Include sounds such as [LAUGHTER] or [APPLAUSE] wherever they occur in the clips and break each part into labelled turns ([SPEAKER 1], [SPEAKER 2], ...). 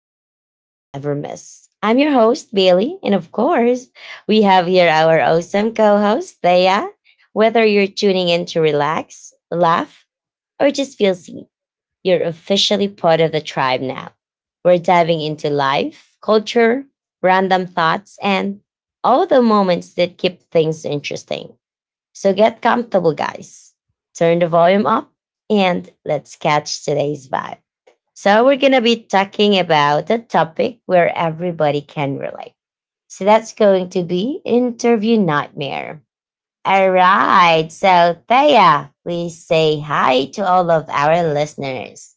[SPEAKER 1] the vibes never miss. I'm your host, Bailey. And of course, we have here our awesome co host, Thea. Whether you're tuning in to relax, laugh, or just feel seen, you're officially part of the tribe now. We're diving into life, culture, random thoughts, and all the moments that keep things interesting. So get comfortable, guys. Turn the volume up and let's catch today's vibe. So, we're going to be talking about a topic where everybody can relate. So, that's going to be interview nightmare. All right. So, Thea, please say hi to all of our listeners.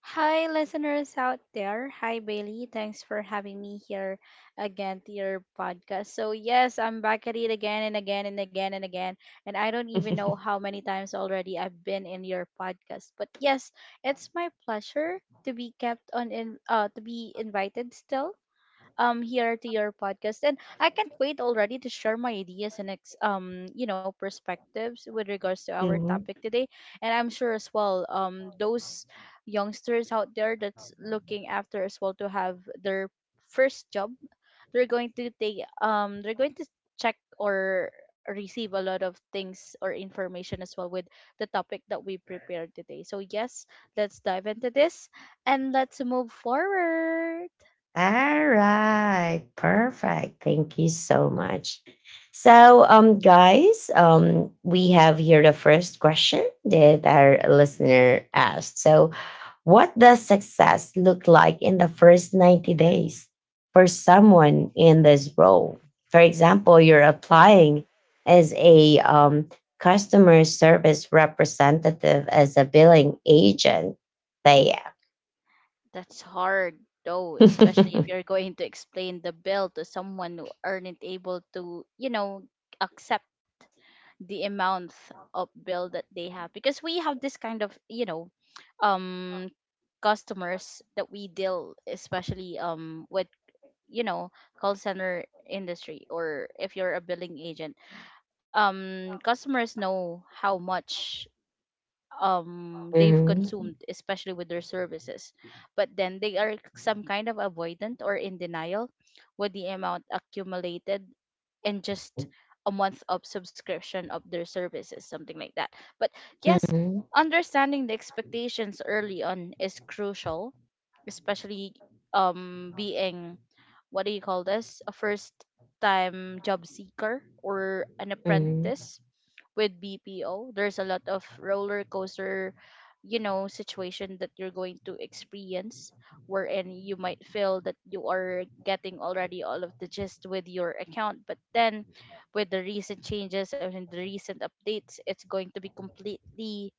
[SPEAKER 2] Hi, listeners out there. Hi, Bailey. Thanks for having me here again to your podcast. So, yes, I'm back at it again and again and again and again. And I don't even know how many times already I've been in your podcast. But yes, it's my pleasure to be kept on in to be invited still here to your podcast, and I can't wait already to share my ideas and perspectives with regards to our topic
[SPEAKER 1] [LAUGHS]
[SPEAKER 2] today. And I'm sure as well, those youngsters out there that's looking after as well to have their first job, they're going to take they're going to check or receive a lot of things or information as well with the topic that we prepared today. So yes, let's dive into this and let's move forward.
[SPEAKER 1] All right, perfect. Thank you so much. So, guys, we have here the first question that our listener asked. So, what does success look like in the first 90 days for someone in this role? For example, you're applying as a customer service representative, as a billing agent. Thea.
[SPEAKER 2] That's hard though, especially if
[SPEAKER 1] [LAUGHS]
[SPEAKER 2] you're going to explain the bill to someone who aren't able to, you know, accept the amount of bill that they have. Because we have this kind of, you know, um customers that we deal especially with, you know, call center industry or if you're a billing agent. Customers know how much they've
[SPEAKER 1] Mhm,
[SPEAKER 2] consumed especially with their services, but then they are some kind of avoidant or in denial with the amount accumulated in just a month of subscription of their services, something like that. But yes,
[SPEAKER 1] mhm,
[SPEAKER 2] understanding the expectations early on is crucial, especially being, what do you call this, a first time job seeker or an
[SPEAKER 1] mhm. [LAUGHS]
[SPEAKER 2] apprentice with BPO. There's a lot of roller coaster, you know, situation that you're going to experience, wherein you might feel that you are getting already all of the gist with your account, but then with the recent changes and the recent updates, it's going to be completely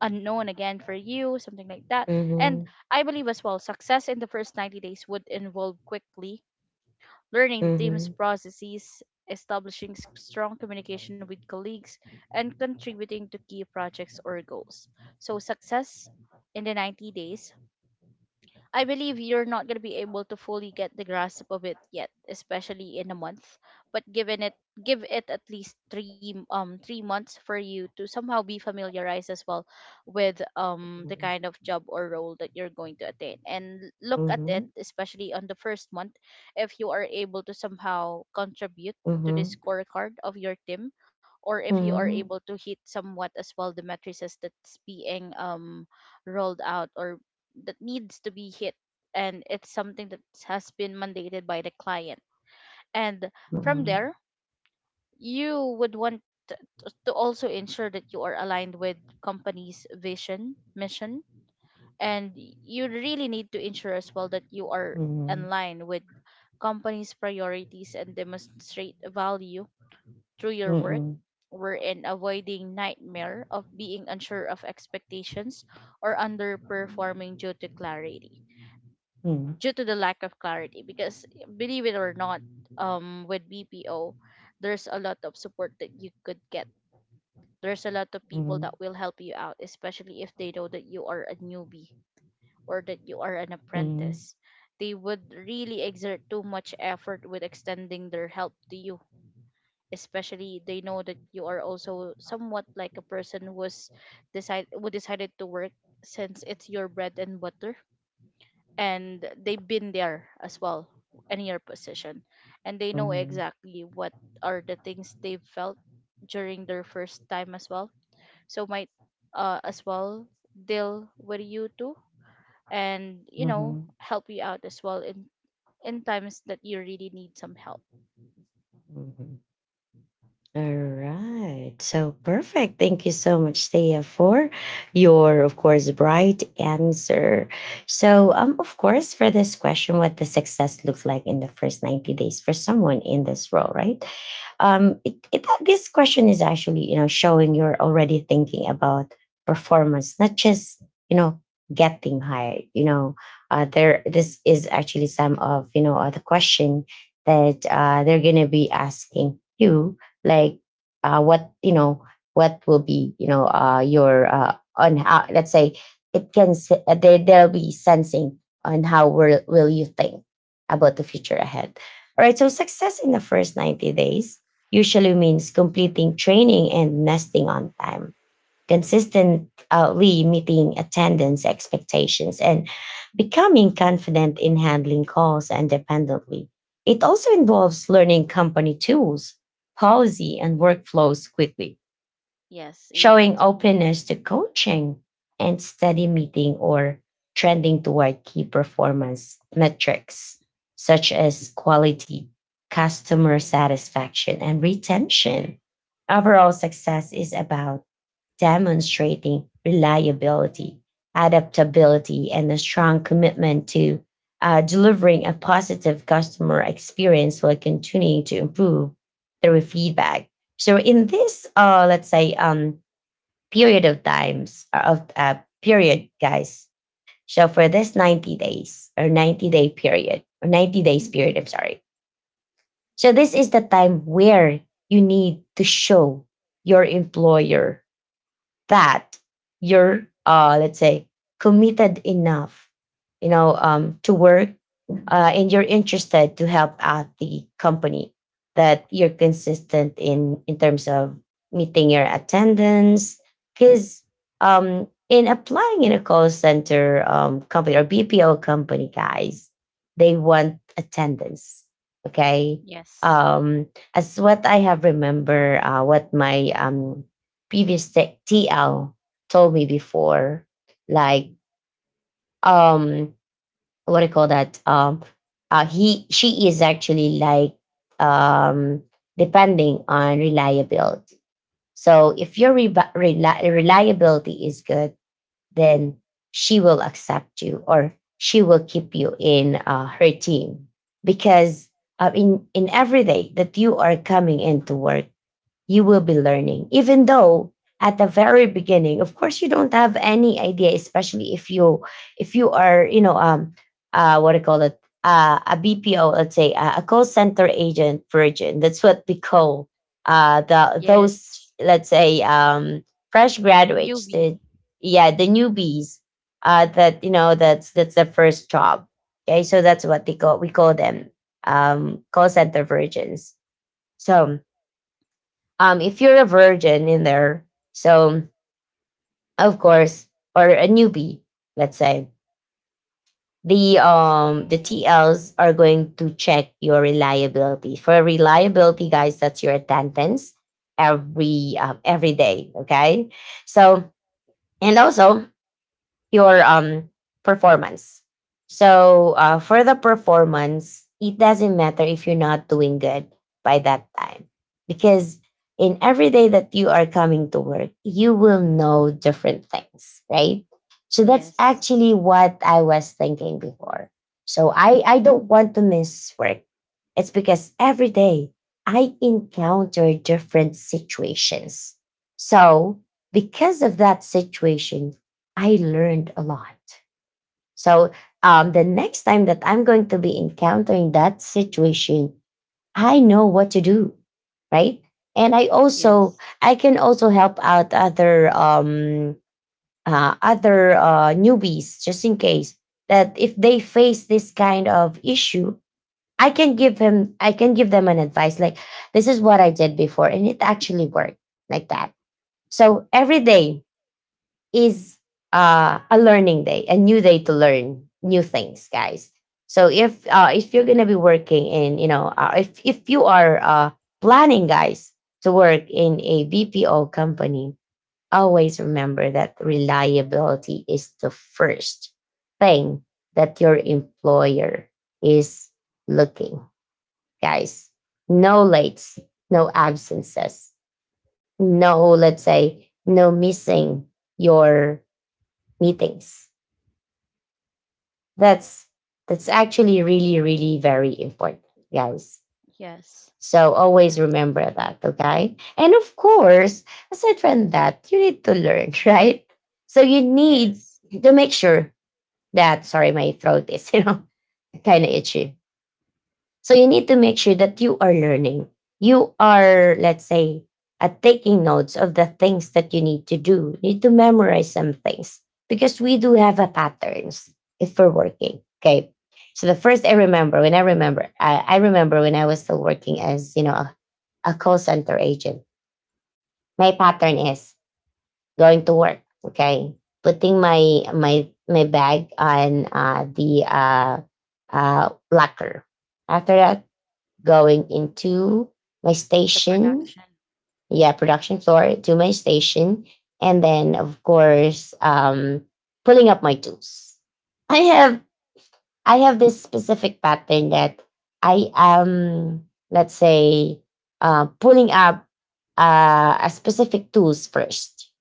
[SPEAKER 2] unknown again for you, something like that. And
[SPEAKER 1] Mhm,
[SPEAKER 2] I believe as well, success in the first 90 days would involve quickly learning the team's
[SPEAKER 1] mhm.
[SPEAKER 2] processes, establishing strong communication with colleagues, and contributing to key projects or goals. So, success in the 90 days, I believe you're not going to be able to fully get the grasp of it yet, especially in a month. But given it, give it at least 3 months for you to somehow be familiarized as well with the kind of job or role that you're going to attain. And look at it,
[SPEAKER 1] Mhm,
[SPEAKER 2] especially on the first month, if you are able to somehow contribute to the
[SPEAKER 1] mhm,
[SPEAKER 2] scorecard of your team, or if you are able
[SPEAKER 1] mhm,
[SPEAKER 2] to hit somewhat as well the matrices that's being rolled out or that needs to be hit, and it's something that has been mandated by the client. And from
[SPEAKER 1] mhm,
[SPEAKER 2] there, you would want to also ensure that you are aligned with company's vision, mission, and you really need to ensure as well that you are
[SPEAKER 1] mhm,
[SPEAKER 2] in line with company's priorities and demonstrate value through your work,
[SPEAKER 1] mhm,
[SPEAKER 2] wherein avoiding nightmare of being unsure of expectations or underperforming due to clarity,
[SPEAKER 1] mhm, mhm,
[SPEAKER 2] due to the lack of clarity. Because believe it or not, with BPO, there's a lot of support that you could get. There's a lot of people
[SPEAKER 1] mhm,
[SPEAKER 2] that will help you out, especially if they know that you are a newbie or that you are an
[SPEAKER 1] mhm,
[SPEAKER 2] apprentice. They would really exert too much effort with extending their help to you, especially they know that you are also somewhat like a person who decided to work since it's your bread and butter. And they've been there as well in your position, and they know
[SPEAKER 1] mhm.
[SPEAKER 2] exactly what are the things they felt during their first time as well. So might as well deal with you too and, you know,
[SPEAKER 1] Mhm.
[SPEAKER 2] help you out as well in times that you really need some help.
[SPEAKER 1] Mhm. All right. So perfect. Thank you so much, Thea, for your, of course, bright answer. So, of course, for this question, what the success look like in the first 90 days for someone in this role, right? This question is actually showing you're already thinking about performance, not just you know getting hired. You know, there This is actually some of the question that they're gonna be asking you, like what what will be your on how let's say they they'll be sensing on how will you think about the future ahead. All right, so success in the first 90 days usually means completing training and nesting on time, consistently meeting attendance expectations, and becoming confident in handling calls independently. It also involves learning company tools, policy, and workflows quickly
[SPEAKER 2] Yes, indeed.
[SPEAKER 1] showing openness to coaching and steady meeting or trending toward key performance metrics such as quality, customer satisfaction, and retention. Overall success is about demonstrating reliability, adaptability, and a strong commitment to delivering a positive customer experience while continuing to improve through feedback. So in this, let's say, period of times of period, guys. So for this 90 days or 90-day period or 90 days period, I'm sorry. So this is the time where you need to show your employer that you're let's say committed enough to work and you're interested to help out the company, that you're consistent in terms of meeting your attendance because in applying in a call center company or BPO company, guys, they want attendance. Okay.
[SPEAKER 2] Yes.
[SPEAKER 1] um as what I have remember, what my previous tech TL told me before, like, um, what do you call that? He she is actually like um depending on reliability. So if your reliability is good, then she will accept you or she will keep you in her team because in every day that you are coming into work you will be learning. Even though at the very beginning, of course, you don't have any idea, especially if you are, you know, what do you call it, a BPO, let's say a call center agent virgin. That's what we call the
[SPEAKER 2] Yes.
[SPEAKER 1] those, let's say, fresh graduates.
[SPEAKER 2] Newbie.
[SPEAKER 1] The, yeah, the newbies. That you know, that's their first job. Okay, so that's what they call we call them, call center virgins. So if you're a virgin in there, so of course, or a newbie, let's say, the TLs are going to check your reliability. For reliability, guys, that's your attendance every day. Okay, so and also your performance. So for the performance, it doesn't matter if you're not doing good by that time because in every day that you are coming to work, you will know different things, right? So that's
[SPEAKER 2] Yes.
[SPEAKER 1] actually what I was thinking before. So I don't want to miss work. It's because every day I encounter different situations. So because of that situation, I learned a lot. So the next time that I'm going to be encountering that situation, I know what to do, right? And I also
[SPEAKER 2] Yes.
[SPEAKER 1] I can also help out other other newbies just in case that if they face this kind of issue, I can give them an advice like this is what I did before, and it actually worked like that. So every day is a learning day, a new day to learn new things, guys. So if you're gonna be working in, you know, if you are planning, guys, to work in a BPO company, always remember that reliability is the first thing that your employer is looking, guys. No lates, no absences, no, let's say, no missing your meetings. That's actually really, really very important, guys.
[SPEAKER 2] yes
[SPEAKER 1] So always remember that, okay? And of course, aside from that, you need to learn, [LAUGHS] right? So you need
[SPEAKER 2] Yes.
[SPEAKER 1] to make sure that sorry, my throat is, you know, [LAUGHS] kind of itchy. So you need to make sure that you are learning. You are, let's say, taking notes of the things that you need to do. You need to memorize some things because we do have a patterns if we're working. Okay. So the first I remember when I remember when I was still working as, you know, a call center agent, my pattern is going to work. Okay. Putting my bag on the locker. After that, going into my
[SPEAKER 2] The
[SPEAKER 1] station.
[SPEAKER 2] production.
[SPEAKER 1] Yeah, production floor to my station. And then, of course, pulling up my tools. I have I have this specific pattern that I am, let's say, pulling up a specific tools first.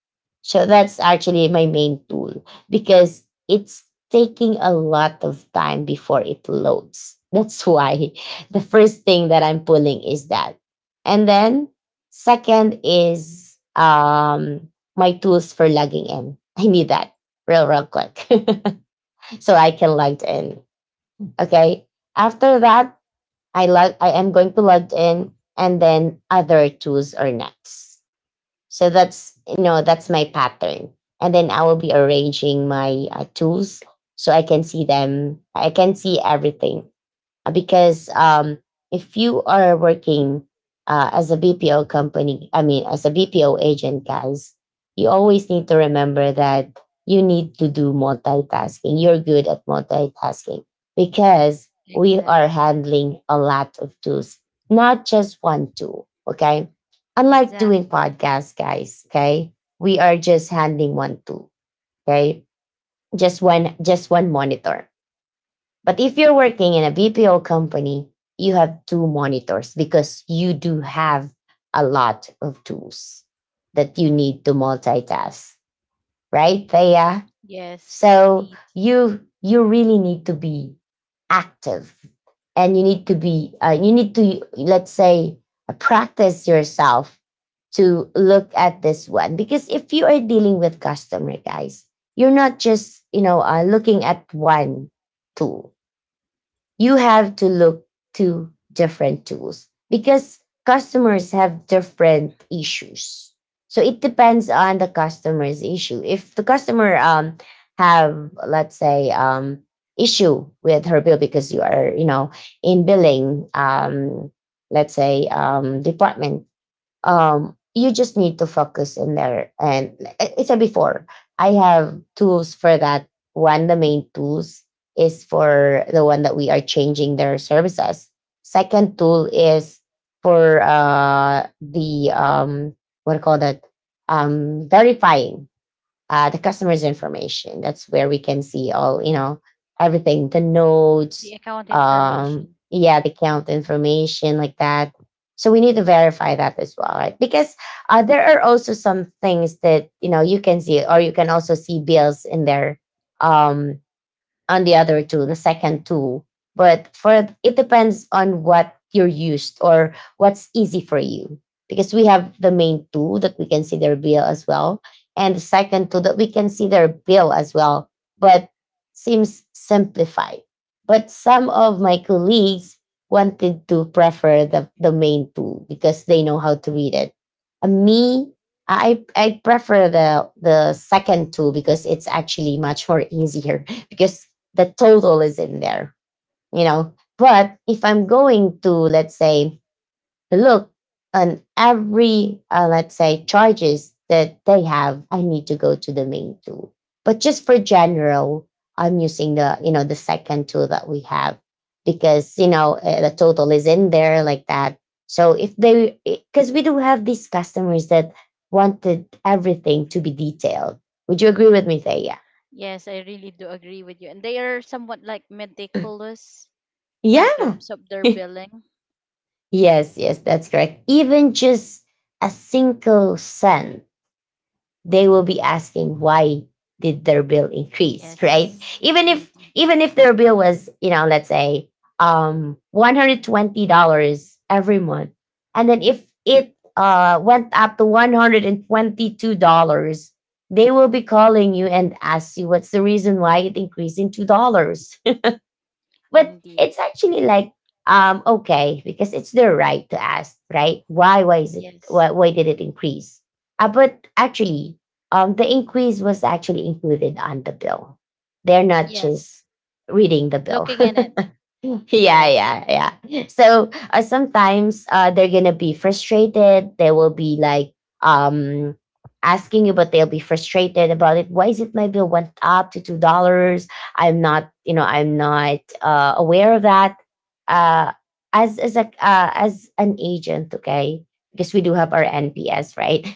[SPEAKER 1] So that's actually my main tool because it's taking a lot of time before it loads. That's why [LAUGHS] the first thing that I'm pulling is that. And then second is my tools for logging in. [LAUGHS] I need that real, real quick [LAUGHS] so I can log in. Okay. After that, I am going to log in and then other tools are next. So that's that's my pattern. And then I will be arranging my tools so I can see them. I can see everything because if you are working as a BPO company, I mean, as a BPO agent, guys, you always need to remember that you need to do multitasking. You're good at multitasking because we are
[SPEAKER 2] Exactly.
[SPEAKER 1] handling a lot of tools, not just one tool. Okay. Unlike doing
[SPEAKER 2] Exactly.
[SPEAKER 1] podcasts, guys, okay, we are just handling one tool. Okay. Just one monitor but if you're working in a BPO company, you have two monitors because you do have a lot of tools that you need to multitask, right, Thea?
[SPEAKER 2] Yes,
[SPEAKER 1] So
[SPEAKER 2] indeed.
[SPEAKER 1] you really need to be active, and you need to be you need to let's say practice yourself to look at this one because if you are dealing with customer guys, you're not just looking at one tool. You have to look to different tools because customers have different issues. So it depends on the customer's issue. If the customer have let's say issue with her bill because you are in billing let's say department, you just need to focus in there. And it's a before I have tools for that one. The main tools is for the one that we are changing their services. Second tool is for the what do you call that, verifying the customer's information. That's where we can see all, you know, everything, the
[SPEAKER 2] The
[SPEAKER 1] notes,
[SPEAKER 2] account information.
[SPEAKER 1] yeah, the account information like that. So we need to verify that as well, right? Because there are also some things that you know you can see, or you can also see bills in there. um, on the other two, the second two. But for it depends on what you're used or what's easy for you. Because we have the main two that we consider bill as well, and the second two that we consider bill as well, but seems simplified. But some of my colleagues wanted to prefer the main two because they know how to read it. And me, I prefer the second two because it's actually much more easier [LAUGHS] because the total is in there, you know. But if I'm going to, let's say, look on every, let's say, charges that they have, I need to go to the main tool. But just for general, I'm using the second tool that we have because, the total is in there like that. So if they, because we do have these customers that wanted everything to be detailed. Would you agree with me, Thea?
[SPEAKER 2] Yes, I really do agree with you. And they are somewhat like meticulous in
[SPEAKER 1] Yeah.
[SPEAKER 2] terms of their
[SPEAKER 1] [LAUGHS]
[SPEAKER 2] billing.
[SPEAKER 1] Yes, yes, that's correct. Even just a single cent, they will be asking why did their bill increase, right?
[SPEAKER 2] Yes,
[SPEAKER 1] Even if
[SPEAKER 2] indeed.
[SPEAKER 1] even if their bill was, let's say, $120 every month, and then if it went up to $122, they will be calling you and ask you what's the reason why it increased in $2, but
[SPEAKER 2] Indeed.
[SPEAKER 1] it's actually like okay because it's their right to ask, right? Why why is it
[SPEAKER 2] Yes.
[SPEAKER 1] why why did it increase? But actually, the increase was actually included on the bill. They're not
[SPEAKER 2] Yes.
[SPEAKER 1] just reading the bill.
[SPEAKER 2] Looking in
[SPEAKER 1] [LAUGHS]
[SPEAKER 2] it.
[SPEAKER 1] [LAUGHS] yeah,
[SPEAKER 2] Yes.
[SPEAKER 1] yeah. So sometimes they're gonna be frustrated. They will be like um asking you, but they'll be frustrated about it. Why is it my bill went up to $2? I'm not, you know, I'm not aware of that. Uh, as an agent, okay, because we do have our NPS, right?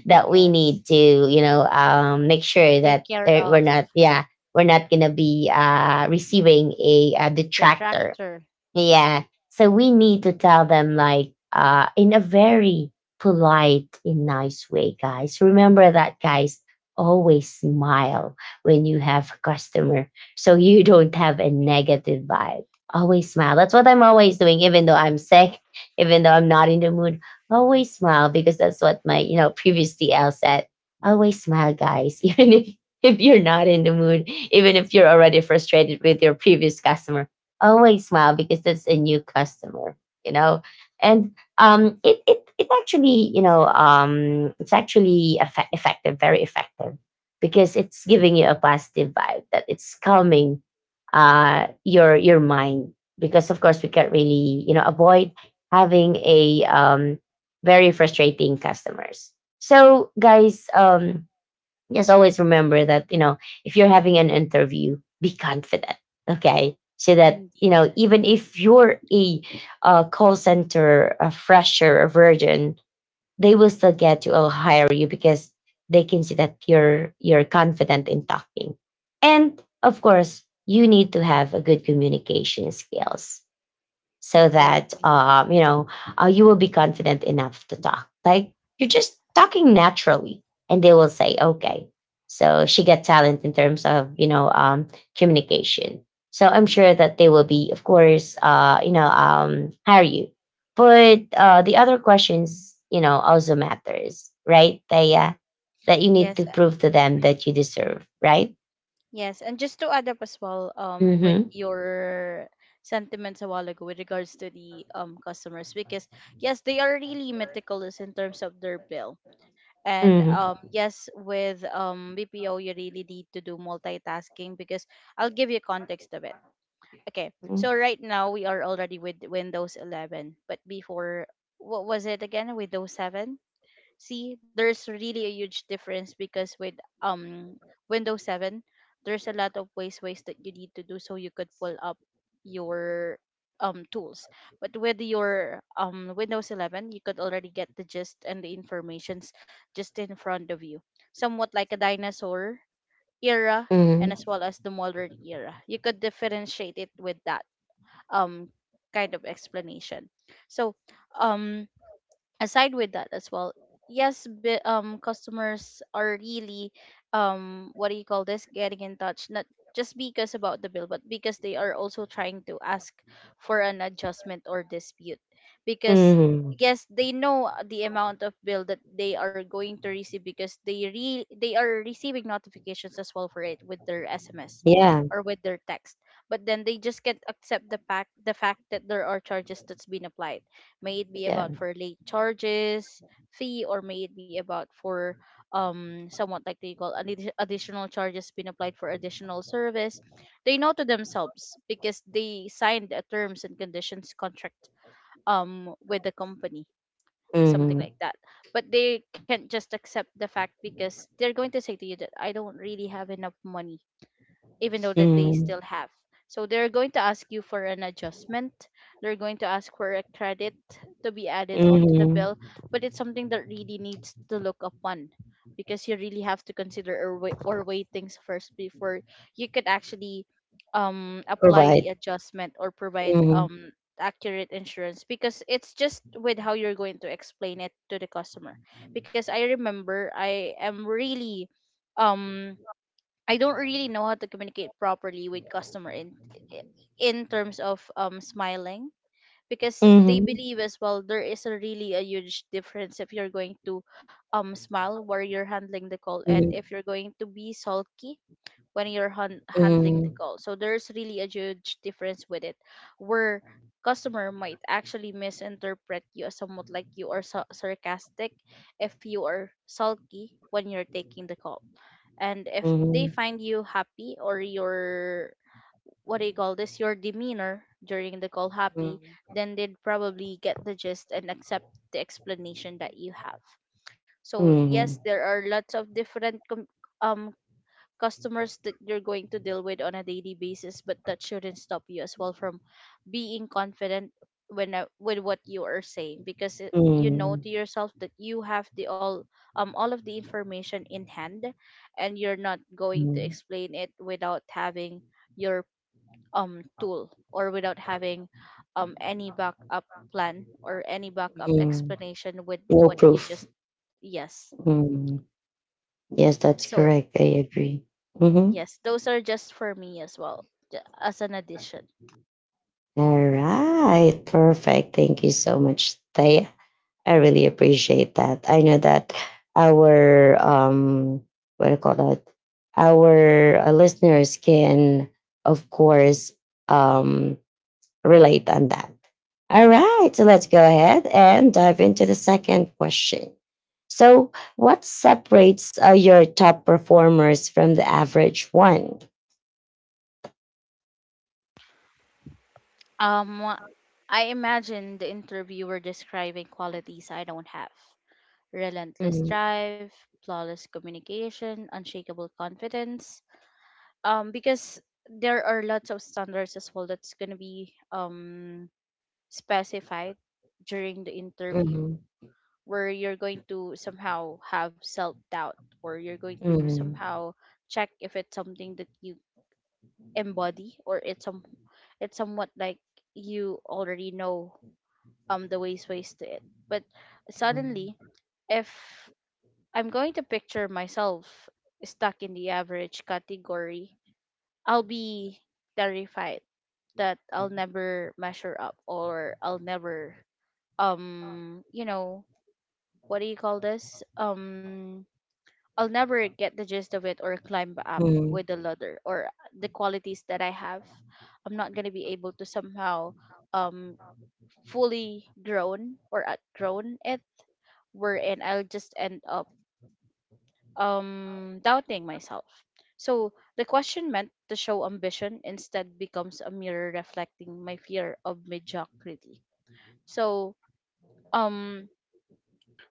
[SPEAKER 1] [LAUGHS] that we
[SPEAKER 2] Yes.
[SPEAKER 1] need to, you know, make sure
[SPEAKER 2] Take
[SPEAKER 1] that
[SPEAKER 2] care
[SPEAKER 1] we're
[SPEAKER 2] of
[SPEAKER 1] not, yeah we're not going to be receiving a,
[SPEAKER 2] the
[SPEAKER 1] detractor
[SPEAKER 2] tractor.
[SPEAKER 1] yeah. So we need to tell them like in a very polite and nice way, guys. Remember that, guys, always smile when you have a customer so you [LAUGHS] don't have a negative vibe. Always smile. That's what I'm always doing, even though I'm sick, even though I'm not in the mood. Always smile because that's what my, you know, previous TL said. Always smile, guys, [LAUGHS] even if you're not in the mood, even if you're already frustrated with your previous customer, always smile because that's a new customer, you know. And it actually, you know, it's actually effective, very effective, because it's giving you a positive vibe that it's calming your mind because of course we can't really, you know, avoid having a very frustrating customers. So guys, just always remember that, you know, if you're having an interview, be confident. Okay, so that, you
[SPEAKER 2] Indeed.
[SPEAKER 1] know, even if you're a call center, a fresher, a virgin, they will still get you or hire you because they can see that you're confident in talking. And of course, you need to have a good communication skills so that,
[SPEAKER 2] Exactly.
[SPEAKER 1] you will be confident enough to talk. Like you're just talking naturally, and they will say, "Okay." So she got talent in terms of, communication. So I'm sure that they will be, of course, hire you. But the other questions, you know, also matters, right? They that you
[SPEAKER 2] Yes.
[SPEAKER 1] need to prove to them that you deserve, right?
[SPEAKER 2] Yes, and just to add up as well, with
[SPEAKER 1] Mm-hmm.
[SPEAKER 2] your sentiments a while ago with regards to the customers, because yes, they are really meticulous in terms of their bill. And
[SPEAKER 1] Mm-hmm.
[SPEAKER 2] yes, with BPO, you really need to do multitasking because I'll give you context of it. Okay, so right now we are already with Windows 11, but before, what was it again? Windows 7? See, there's really a huge difference because with um Windows 7, there's a lot of ways that you need to do so you could pull up your tools. But with your Windows 11, you could already get the gist and the informations just in front of you, somewhat like a dinosaur era. And
[SPEAKER 1] Mm-hmm.
[SPEAKER 2] as well as the modern era, you could differentiate it with that um kind of explanation. So um aside with that as well, yes, customers are really, what do you call this, getting in touch, not just because about the bill, but because they are also trying to ask for an adjustment or dispute. Because
[SPEAKER 1] Mm-hmm.
[SPEAKER 2] yes, they know the amount of bill that they are going to receive, because they are receiving notifications as well for it with their SMS
[SPEAKER 1] Yeah.
[SPEAKER 2] or with their text. But then they just can't accept the fact that there are charges that's been applied may it be
[SPEAKER 1] Yeah.
[SPEAKER 2] about for late charges fee or may it be about for somewhat like they call an additional charges being applied for additional service. They know to themselves because they signed a terms and conditions contract with the company, something
[SPEAKER 1] Mm-hmm.
[SPEAKER 2] like that. But they can't just accept the fact, because they're going to say to you that I don't really have enough money, even though that they
[SPEAKER 1] Mhm,
[SPEAKER 2] still have. So they're going to ask you for an adjustment. They're going to ask for a credit to be added onto the
[SPEAKER 1] mhm.
[SPEAKER 2] bill, but it's something that really needs to look upon, because you really have to consider or weigh things first before you could actually apply the
[SPEAKER 1] Provide.
[SPEAKER 2] adjustment or provide
[SPEAKER 1] Mhm,
[SPEAKER 2] accurate insurance, because it's just with how you're going to explain it to the customer. Because I remember, I am really um I don't really know how to communicate properly with customer in terms of smiling, because they
[SPEAKER 1] mhm,
[SPEAKER 2] believe as well there is a really a huge difference if you're going to smile while you're handling the call, and
[SPEAKER 1] mhm,
[SPEAKER 2] if you're going to be sulky when you're handling the
[SPEAKER 1] mhm,
[SPEAKER 2] call. So there's really a huge difference with it, where customer might actually misinterpret you as somewhat like you are sarcastic if you are sulky when you're taking the call. And if they
[SPEAKER 1] mhm,
[SPEAKER 2] find you happy, or your, what do you call this, your demeanor during the call happy,
[SPEAKER 1] mhm,
[SPEAKER 2] then they'd probably get the gist and accept the explanation that you have. So yes,
[SPEAKER 1] mhm,
[SPEAKER 2] there are lots of different um customers that you're going to deal with on a daily basis, but that shouldn't stop you as well from being confident when, with what you are saying. Because it, you know
[SPEAKER 1] mhm,
[SPEAKER 2] to yourself that you have the all, all of the information in hand, and you're not going to
[SPEAKER 1] mhm,
[SPEAKER 2] explain it without having your tool, or without having any backup plan or any backup
[SPEAKER 1] mhm.
[SPEAKER 2] explanation with
[SPEAKER 1] No
[SPEAKER 2] what you
[SPEAKER 1] proof.
[SPEAKER 2] just. Yes.
[SPEAKER 1] Mhm. Yes, that's
[SPEAKER 2] So
[SPEAKER 1] correct. I agree. Mhm.
[SPEAKER 2] yes, those are just for me as well, as an addition.
[SPEAKER 1] All right. Perfect. Thank you so much, Taya. I really appreciate that. I know that our what do you call that? Our listeners can of course um relate on that. All right, so let's go ahead and dive into the second question. So, what separates your top performers from the average one?
[SPEAKER 2] Um, I imagine the interviewer describing qualities I don't have: relentless
[SPEAKER 1] Mhm,
[SPEAKER 2] drive, flawless communication, unshakable confidence. Because there are lots of standards as well that's going to be, specified during the interview,
[SPEAKER 1] mhm,
[SPEAKER 2] where you're going to somehow have self doubt, or you're going to
[SPEAKER 1] mhm,
[SPEAKER 2] somehow check if it's something that you embody, or it's some, it's somewhat like you already know the ways to it. But suddenly,
[SPEAKER 1] mhm,
[SPEAKER 2] if I'm going to picture myself stuck in the average category, I'll be terrified that I'll never measure up, or I'll never, um you know what do you call this, I'll never get the gist of it or climb up with the ladder or the qualities that I have. I'm not gonna be able to somehow um fully grown or outgrown it, wherein I'll just end up doubting myself. So the question meant to show ambition instead becomes a mirror reflecting my fear of mediocrity. So um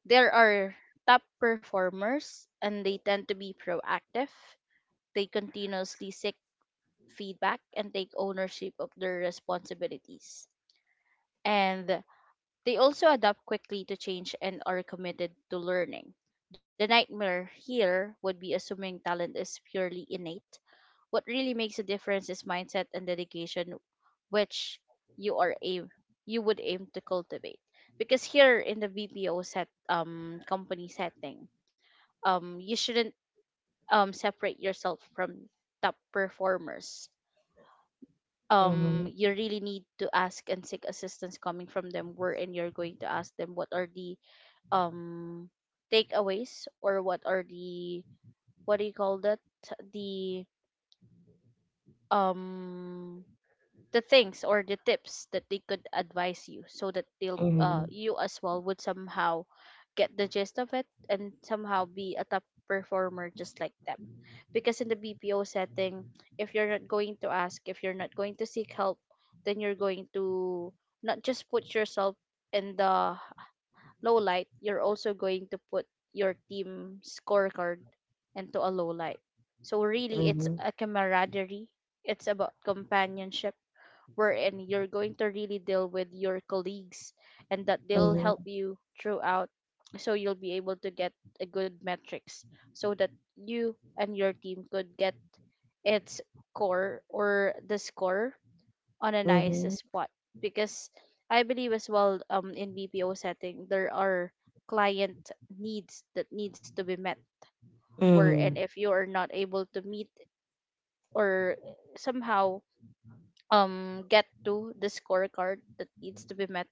[SPEAKER 2] there are top performers, and they tend to be proactive. They continuously seek feedback and take ownership of their responsibilities. And they also adapt quickly to change and are committed to learning. The nightmare here would be assuming talent is purely innate. What really makes a difference is mindset and dedication, which you are aim you would aim to cultivate. Because here in the BPO set company setting, you shouldn't separate yourself from top performers.
[SPEAKER 1] mhm, mhm,
[SPEAKER 2] You really need to ask and seek assistance coming from them, wherein you're going to ask them what are the um takeaways, or what are the, what do you call that, the um the things or the tips that they could advise you, so that they'll you as well would somehow get the gist of it and somehow be a top performer just like them. Because in the BPO setting, if you're not going to ask, if you're not going to seek help, then you're going to not just put yourself in the low light, you're also going to put your team scorecard into a low light. So
[SPEAKER 1] mhm,
[SPEAKER 2] really, it's
[SPEAKER 1] mhm,
[SPEAKER 2] a camaraderie. It's about companionship, wherein you're going to really deal with your colleagues, and that they'll
[SPEAKER 1] mhm,
[SPEAKER 2] help you throughout, so you'll be able to get a good metrics, so that you and your team could get its core or the score on a nice spot. Because I believe as well, in BPO setting there are client needs that needs to be met, wherein
[SPEAKER 1] mhm,
[SPEAKER 2] if you are not able to meet or somehow get to the scorecard that needs to be met,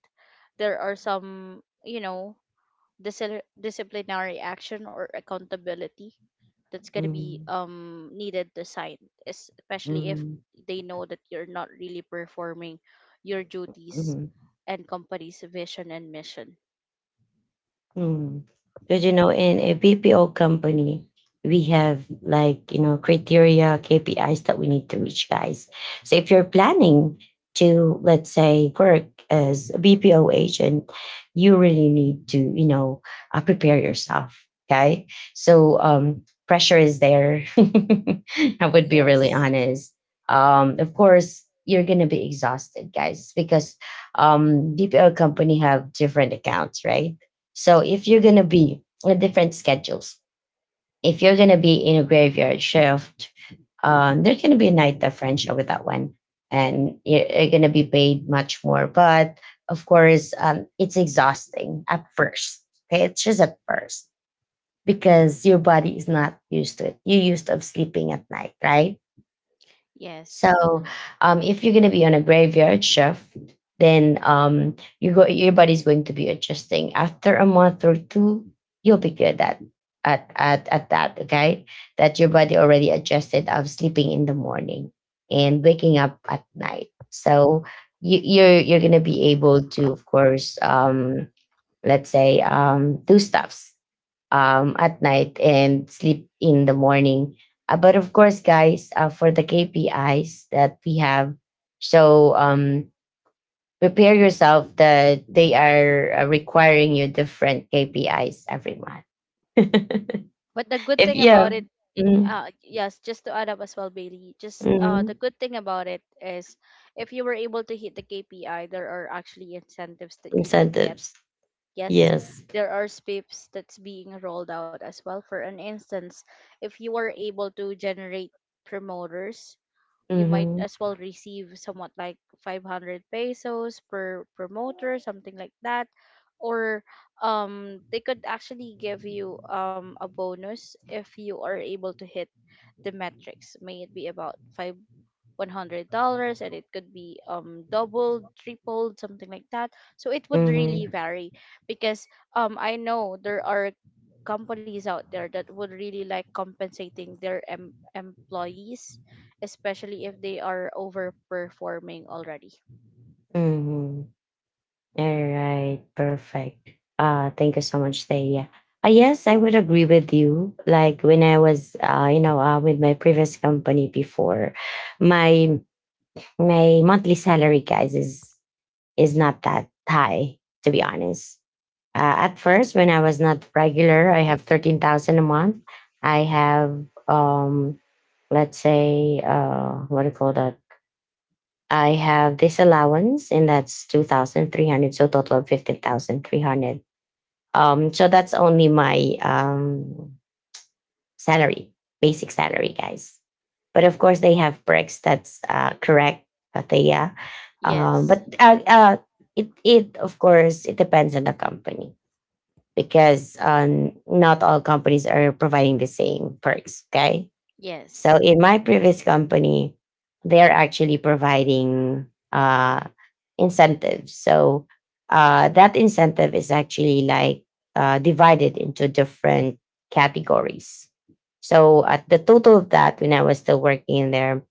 [SPEAKER 2] there are some disciplinary action or accountability that's going to be
[SPEAKER 1] mhm,
[SPEAKER 2] needed to sign, especially if
[SPEAKER 1] mhm,
[SPEAKER 2] they know that you're not really performing your duties
[SPEAKER 1] mhm.
[SPEAKER 2] and company's vision and mission.
[SPEAKER 1] Hmm. Because you know, in a BPO company, we have like, you know, criteria, KPIs, that we need to reach, guys. So if you're planning to, let's say, work as a BPO agent, you really need to, you know, prepare yourself. Okay, so pressure is there. [LAUGHS] I would be really
[SPEAKER 2] Yes,
[SPEAKER 1] honest. Of course, you're gonna be exhausted, guys, because BPO company have different accounts, right? So if you're gonna be on different schedules, if you're gonna be in a graveyard shift, there's gonna be a night differential with that one, and you're gonna be paid much more. But of course, it's exhausting at first. Okay, it's just at first because your body is not used to it. You're used of sleeping at night, right?
[SPEAKER 2] yes.
[SPEAKER 1] So if you're gonna be on a graveyard shift, then your body's going to be adjusting. After a month or two, you'll be good at at that. Okay, that your body already adjusted of sleeping in the morning and waking up at night. So you're gonna be able to, of course, let's say, do stuffs at night and sleep in the morning. But of course, guys, for the KPIs that we have, so prepare yourself that they are requiring you different KPIs every month. [LAUGHS]
[SPEAKER 2] But the good
[SPEAKER 1] if
[SPEAKER 2] thing about
[SPEAKER 1] yeah,
[SPEAKER 2] it.
[SPEAKER 1] mm,
[SPEAKER 2] Yes, just to add up as well, Bailey. Just
[SPEAKER 1] mhm.
[SPEAKER 2] the good thing about it is, if you were able to hit the KPI, there are actually incentives that you could get.
[SPEAKER 1] Incentives,
[SPEAKER 2] Yes,
[SPEAKER 1] yes.
[SPEAKER 2] there are spiffs that's being rolled out as well. For an instance, if you were able to generate promoters, you might
[SPEAKER 1] Mm-hmm.
[SPEAKER 2] as well receive somewhat like 500 pesos per promoter, something like that, or they could actually give you a bonus if you are able to hit the metrics, may it be about $100, and it could be doubled, tripled, something like that. So it would really
[SPEAKER 1] Mm-hmm.
[SPEAKER 2] vary, because I know there are companies out there that would really like compensating their employees, especially if they are overperforming already.
[SPEAKER 1] Mm-hmm. All right, perfect. Thank you so much, Thea. Yes, I would agree with you. Like when I was, with my previous company before, my my monthly salary, guys, is not that high, to be honest. At first, when I was not regular, I have 13,000 a month. I have, um, let's say, what do you call that? I have this allowance, and that's two thousand three hundred, so total of 15,300. So that's only my salary, basic salary, guys. But of course, they have perks. That's correct, Patea. But
[SPEAKER 2] Yes,
[SPEAKER 1] it of course it depends on the company because not all companies are providing the same perks. Okay, so
[SPEAKER 2] yes.
[SPEAKER 1] in my previous company, they're actually providing uh, incentives. So that incentive is actually like divided into different categories. So at the total of that, when I was still working in there,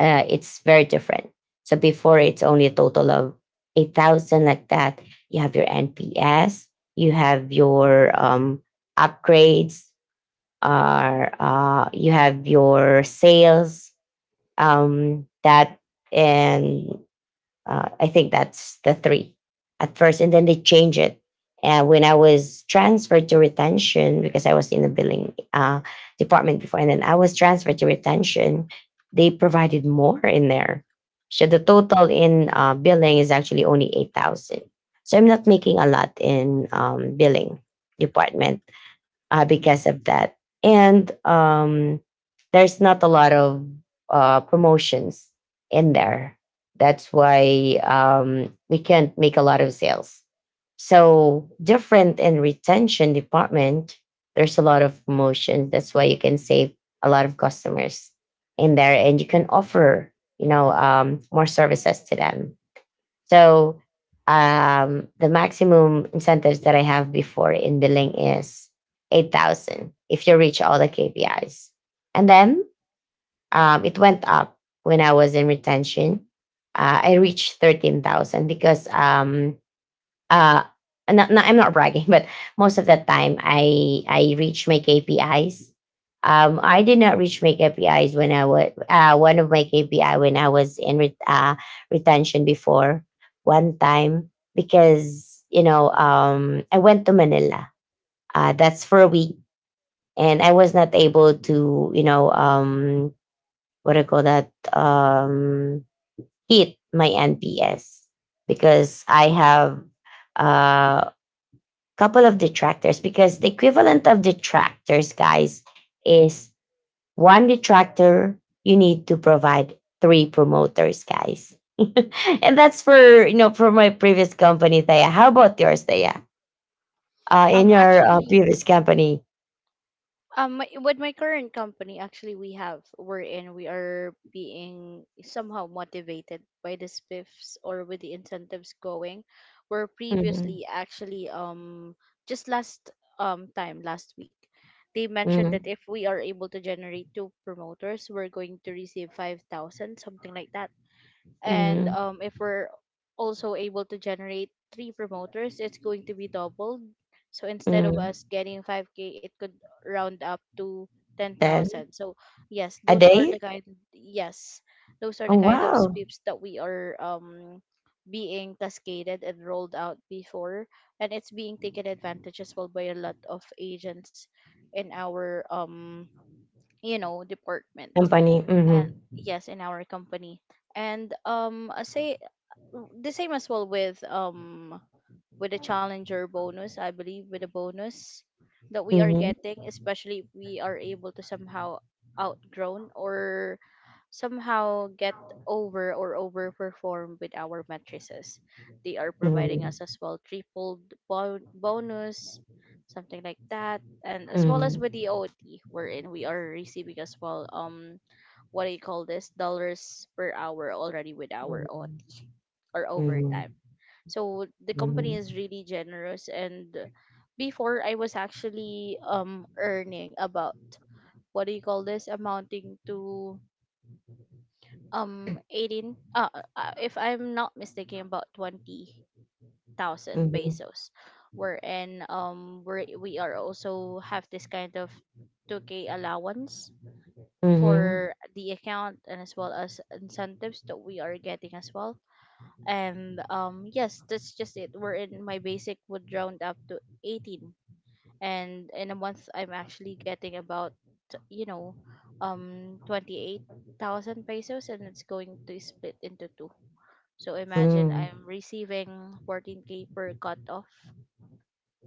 [SPEAKER 1] it's very different. So before, it's only a total of 8,000 like that. You have your NPS, you have your upgrades, are you have your sales that and I think that's the three at first, and then they change it. And when I was transferred to retention, because I was in the billing department before, and then I was transferred to retention, they provided more in there. So the total in billing is actually only 8,000, so I'm not making a lot in billing department because of that. And there's not a lot of promotions in there. That's why we can't make a lot of sales. So different in retention department, there's a lot of promotions. That's why you can save a lot of customers in there, and you can offer, you know, more services to them. So the maximum incentives that I have before in billing is 8,000 if you reach all the KPIs. And then it went up when I was in retention. I reached 13,000 because uh not, not, I'm not bragging, but most of the time I reach my KPIs. Um, I did not reach my KPIs when I was one of my KPI when I was in retention before, one time, because, you know, I went to Manila, that's for a week, and I was not able to, you know, what do you call that, hit my NPS because I have uh couple of detractors. Because the equivalent of detractors, guys, is one detractor, you need to provide three promoters, guys. [LAUGHS] And that's for, you know, for my previous company, Thea. How about yours, Thea? In
[SPEAKER 2] um
[SPEAKER 1] your
[SPEAKER 2] actually
[SPEAKER 1] previous company,
[SPEAKER 2] Um, my, with my current company, actually, we have we're in we are being somehow motivated by the spiffs or with the incentives going. Where
[SPEAKER 1] mm-hmm.
[SPEAKER 2] previously, actually, just last time last week, they mentioned
[SPEAKER 1] Mm-hmm.
[SPEAKER 2] that if we are able to generate two promoters, we're going to receive 5,000, something like that, and
[SPEAKER 1] Mm-hmm.
[SPEAKER 2] if we're also able to generate three promoters, it's going to be doubled, so instead of
[SPEAKER 1] Mm-hmm.
[SPEAKER 2] us getting 5k, it could round up to
[SPEAKER 1] Then
[SPEAKER 2] 10,000. So yes
[SPEAKER 1] a
[SPEAKER 2] those are the
[SPEAKER 1] day.
[SPEAKER 2] kind yes, those are
[SPEAKER 1] Oh
[SPEAKER 2] the kind of
[SPEAKER 1] wow,
[SPEAKER 2] sweeps that we are being cascaded and rolled out before, and it's being taken advantage as well by a lot of agents in our department.
[SPEAKER 1] company.
[SPEAKER 2] And
[SPEAKER 1] Mm-hmm.
[SPEAKER 2] yes, in our company. And I say the same as well with a challenger bonus, I believe, with a bonus that we are
[SPEAKER 1] Mm-hmm.
[SPEAKER 2] getting, especially if we are able to somehow outgrown or somehow get over or overperform with our matrices. They are providing
[SPEAKER 1] Mm-hmm.
[SPEAKER 2] us as well triple bonus, something like that, and as well as with
[SPEAKER 1] Mm-hmm.
[SPEAKER 2] the OT, wherein we are receiving as well what do you call this, dollars per hour already with our OT or
[SPEAKER 1] Mm-hmm.
[SPEAKER 2] overtime. So the company is
[SPEAKER 1] Mm-hmm.
[SPEAKER 2] really generous. And before I was actually earning about, what do you call this, amounting to 18, if I'm not mistaken, about 20,000
[SPEAKER 1] Mm-hmm.
[SPEAKER 2] pesos, wherein we are also have this kind of 2k allowance
[SPEAKER 1] Mm-hmm.
[SPEAKER 2] for the account and as well as incentives that we are getting as well. And yes, that's just it, we're in my basic would round up to 18, and in a month I'm actually getting about you know 28,000 pesos, and it's going to split into two. So imagine I'm receiving 14k per cut off,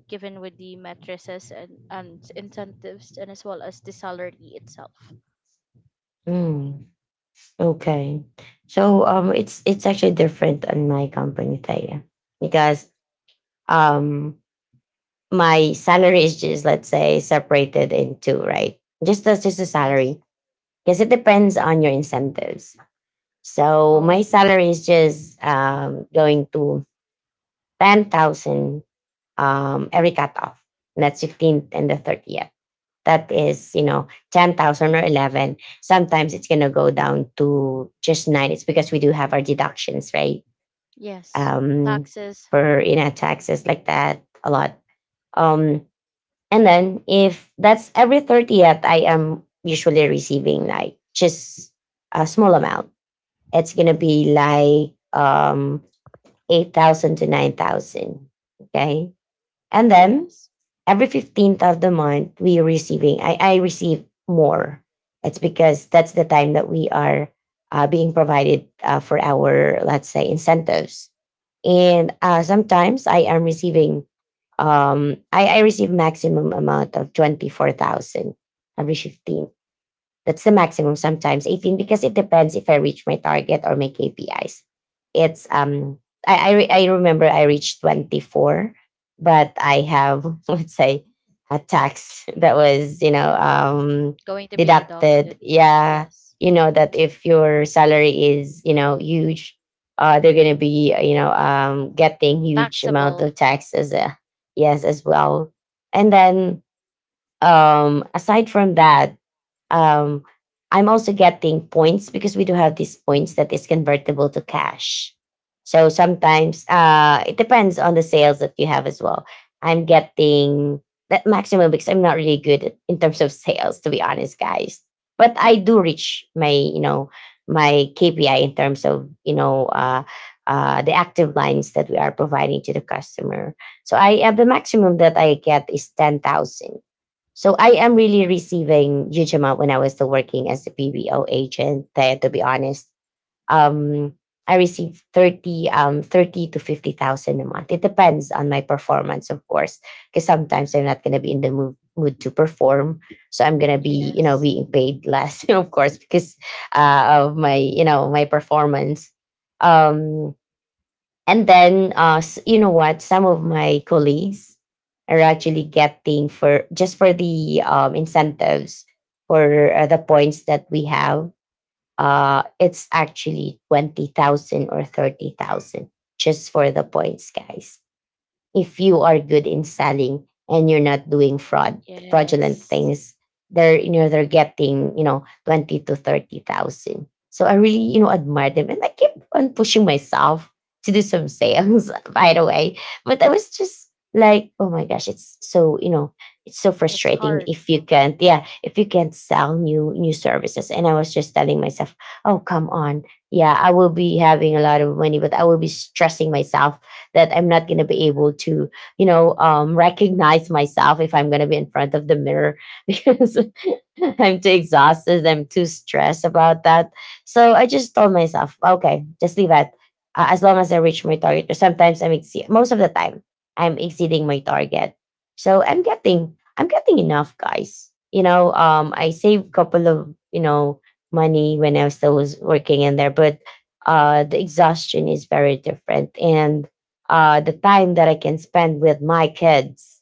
[SPEAKER 2] given with the mattresses and incentives and as well as the salary itself.
[SPEAKER 1] Mm, okay. So it's actually different on my company, Taya, because um my salary is just, let's say, separated in two, right? Just as just a
[SPEAKER 2] Yes.
[SPEAKER 1] salary. Because it depends on your incentives. So my
[SPEAKER 2] Oh,
[SPEAKER 1] salary is just going to 10,000 every cutoff. And that's 15th and the 30th. That is, you know, 10,000 or 11, sometimes it's going to go down to just nine. It's because we do have our deductions, right?
[SPEAKER 2] yes.
[SPEAKER 1] Um,
[SPEAKER 2] Taxes,
[SPEAKER 1] for, you know, taxes like that a lot. Um, and then if that's every 30th, I am usually receiving like just a small amount. It's going to be like 8,000 to 9,000. Okay. And then
[SPEAKER 2] yes.
[SPEAKER 1] every 15th of the month we are receiving I receive more. It's because that's the time that we are being provided for our, let's say, incentives, and sometimes I am receiving I receive maximum amount of 24,000 every 15th. That's the maximum, sometimes 18, because it depends if I reach my target or my KPIs. It's, um, I remember I reached 24, but I have, [LAUGHS] let's say, a tax [LAUGHS] that was,
[SPEAKER 2] Going to be
[SPEAKER 1] deducted.
[SPEAKER 2] deducted.
[SPEAKER 1] Yeah.
[SPEAKER 2] Yes.
[SPEAKER 1] You know, that if your salary is, huge, they're going to be, getting huge amount of
[SPEAKER 2] Taxable.
[SPEAKER 1] taxes. Yes, as well. And then, aside from that, um, I'm also getting points because we do have these points that is convertible to cash. So sometimes it depends on the sales that you have as well. I'm getting that maximum because I'm not really good at, in terms of sales, to be honest, guys. But I do reach my, you know, my KPI in terms of, the active lines that we are providing to the customer. So I have the maximum that I get is 10,000. So I am really receiving huge amount when I was still working as a BBO agent there, to be honest. Um, I received 30, 30 to 50,000 a month. It depends on my performance, of course, because sometimes I'm not going to be in the mood to perform. So I'm going to be, you know,
[SPEAKER 2] Yes.
[SPEAKER 1] being paid less, [LAUGHS] of course, because of my, you know, my performance. Um, and then, you know what? Some of my colleagues are actually getting for just for the incentives for the points that we have. It's actually 20,000 or 30,000 just for the points, guys, if you are good in selling and you're not doing fraudulent
[SPEAKER 2] Yes.
[SPEAKER 1] things. They're, you know, they're getting, you know, 20 to 30,000, so I really, you know, admire them, and I keep on pushing myself to do some sales [LAUGHS] by the way. But I was just like, oh my gosh, it's so, you know, it's so
[SPEAKER 2] It's
[SPEAKER 1] frustrating
[SPEAKER 2] hard.
[SPEAKER 1] if you can't. Yeah, if you can't sell new services. And I was just telling myself, oh come on, yeah, I will be having a lot of money, but I will be stressing myself that I'm not going to be able to, recognize myself if I'm going to be in front of the mirror [LAUGHS] because [LAUGHS] I'm too exhausted. I'm too stressed about that. So I just told myself, okay, just leave it. As long as I reach my target. Sometimes I'm exceed. Most of the time, I'm exceeding my target. So I'm getting enough, guys. You know, I saved couple of, you know, money when I still was working in there, but the exhaustion is very different, and the time that I can spend with my kids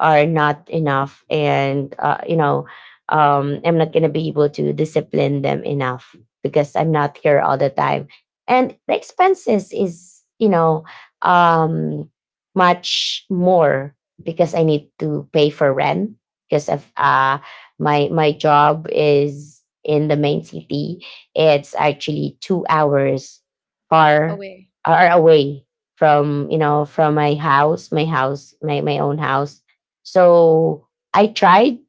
[SPEAKER 1] are not enough, and I'm not gonna be able to discipline them enough because I'm not here all the time. And the expenses is, um, much more because I need to pay for rent because of my job is in the main city. It's actually 2 hours far
[SPEAKER 2] Away.
[SPEAKER 1] are away from, you know, from my house, my own house. So I tried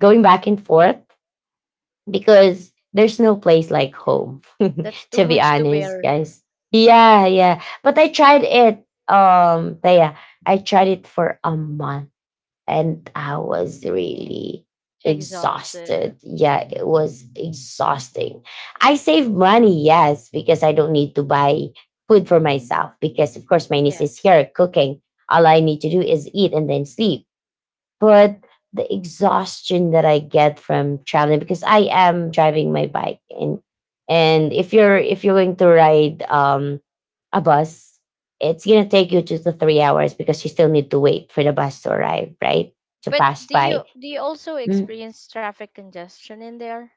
[SPEAKER 1] going back and forth because there's no place like home,
[SPEAKER 2] That's
[SPEAKER 1] [LAUGHS]
[SPEAKER 2] too
[SPEAKER 1] to be
[SPEAKER 2] much to
[SPEAKER 1] honest,
[SPEAKER 2] bear.
[SPEAKER 1] guys. Yeah, yeah. But I tried it, Taya. I tried it for a month and I was really exhausted.
[SPEAKER 2] Exhausted.
[SPEAKER 1] Yeah, it was exhausting. I save money, yes, because I don't need to buy food for myself because, of course, my niece is
[SPEAKER 2] Yes.
[SPEAKER 1] here cooking. All I need to do is eat and then sleep, but the exhaustion that I get from traveling because I am driving my bike. And if you're, going to ride a bus, it's gonna take you 2 to 3 hours because you still need to wait for the bus to arrive, right? To
[SPEAKER 2] But
[SPEAKER 1] pass
[SPEAKER 2] do
[SPEAKER 1] by.
[SPEAKER 2] you do you also
[SPEAKER 1] Mm.
[SPEAKER 2] experience traffic congestion in there?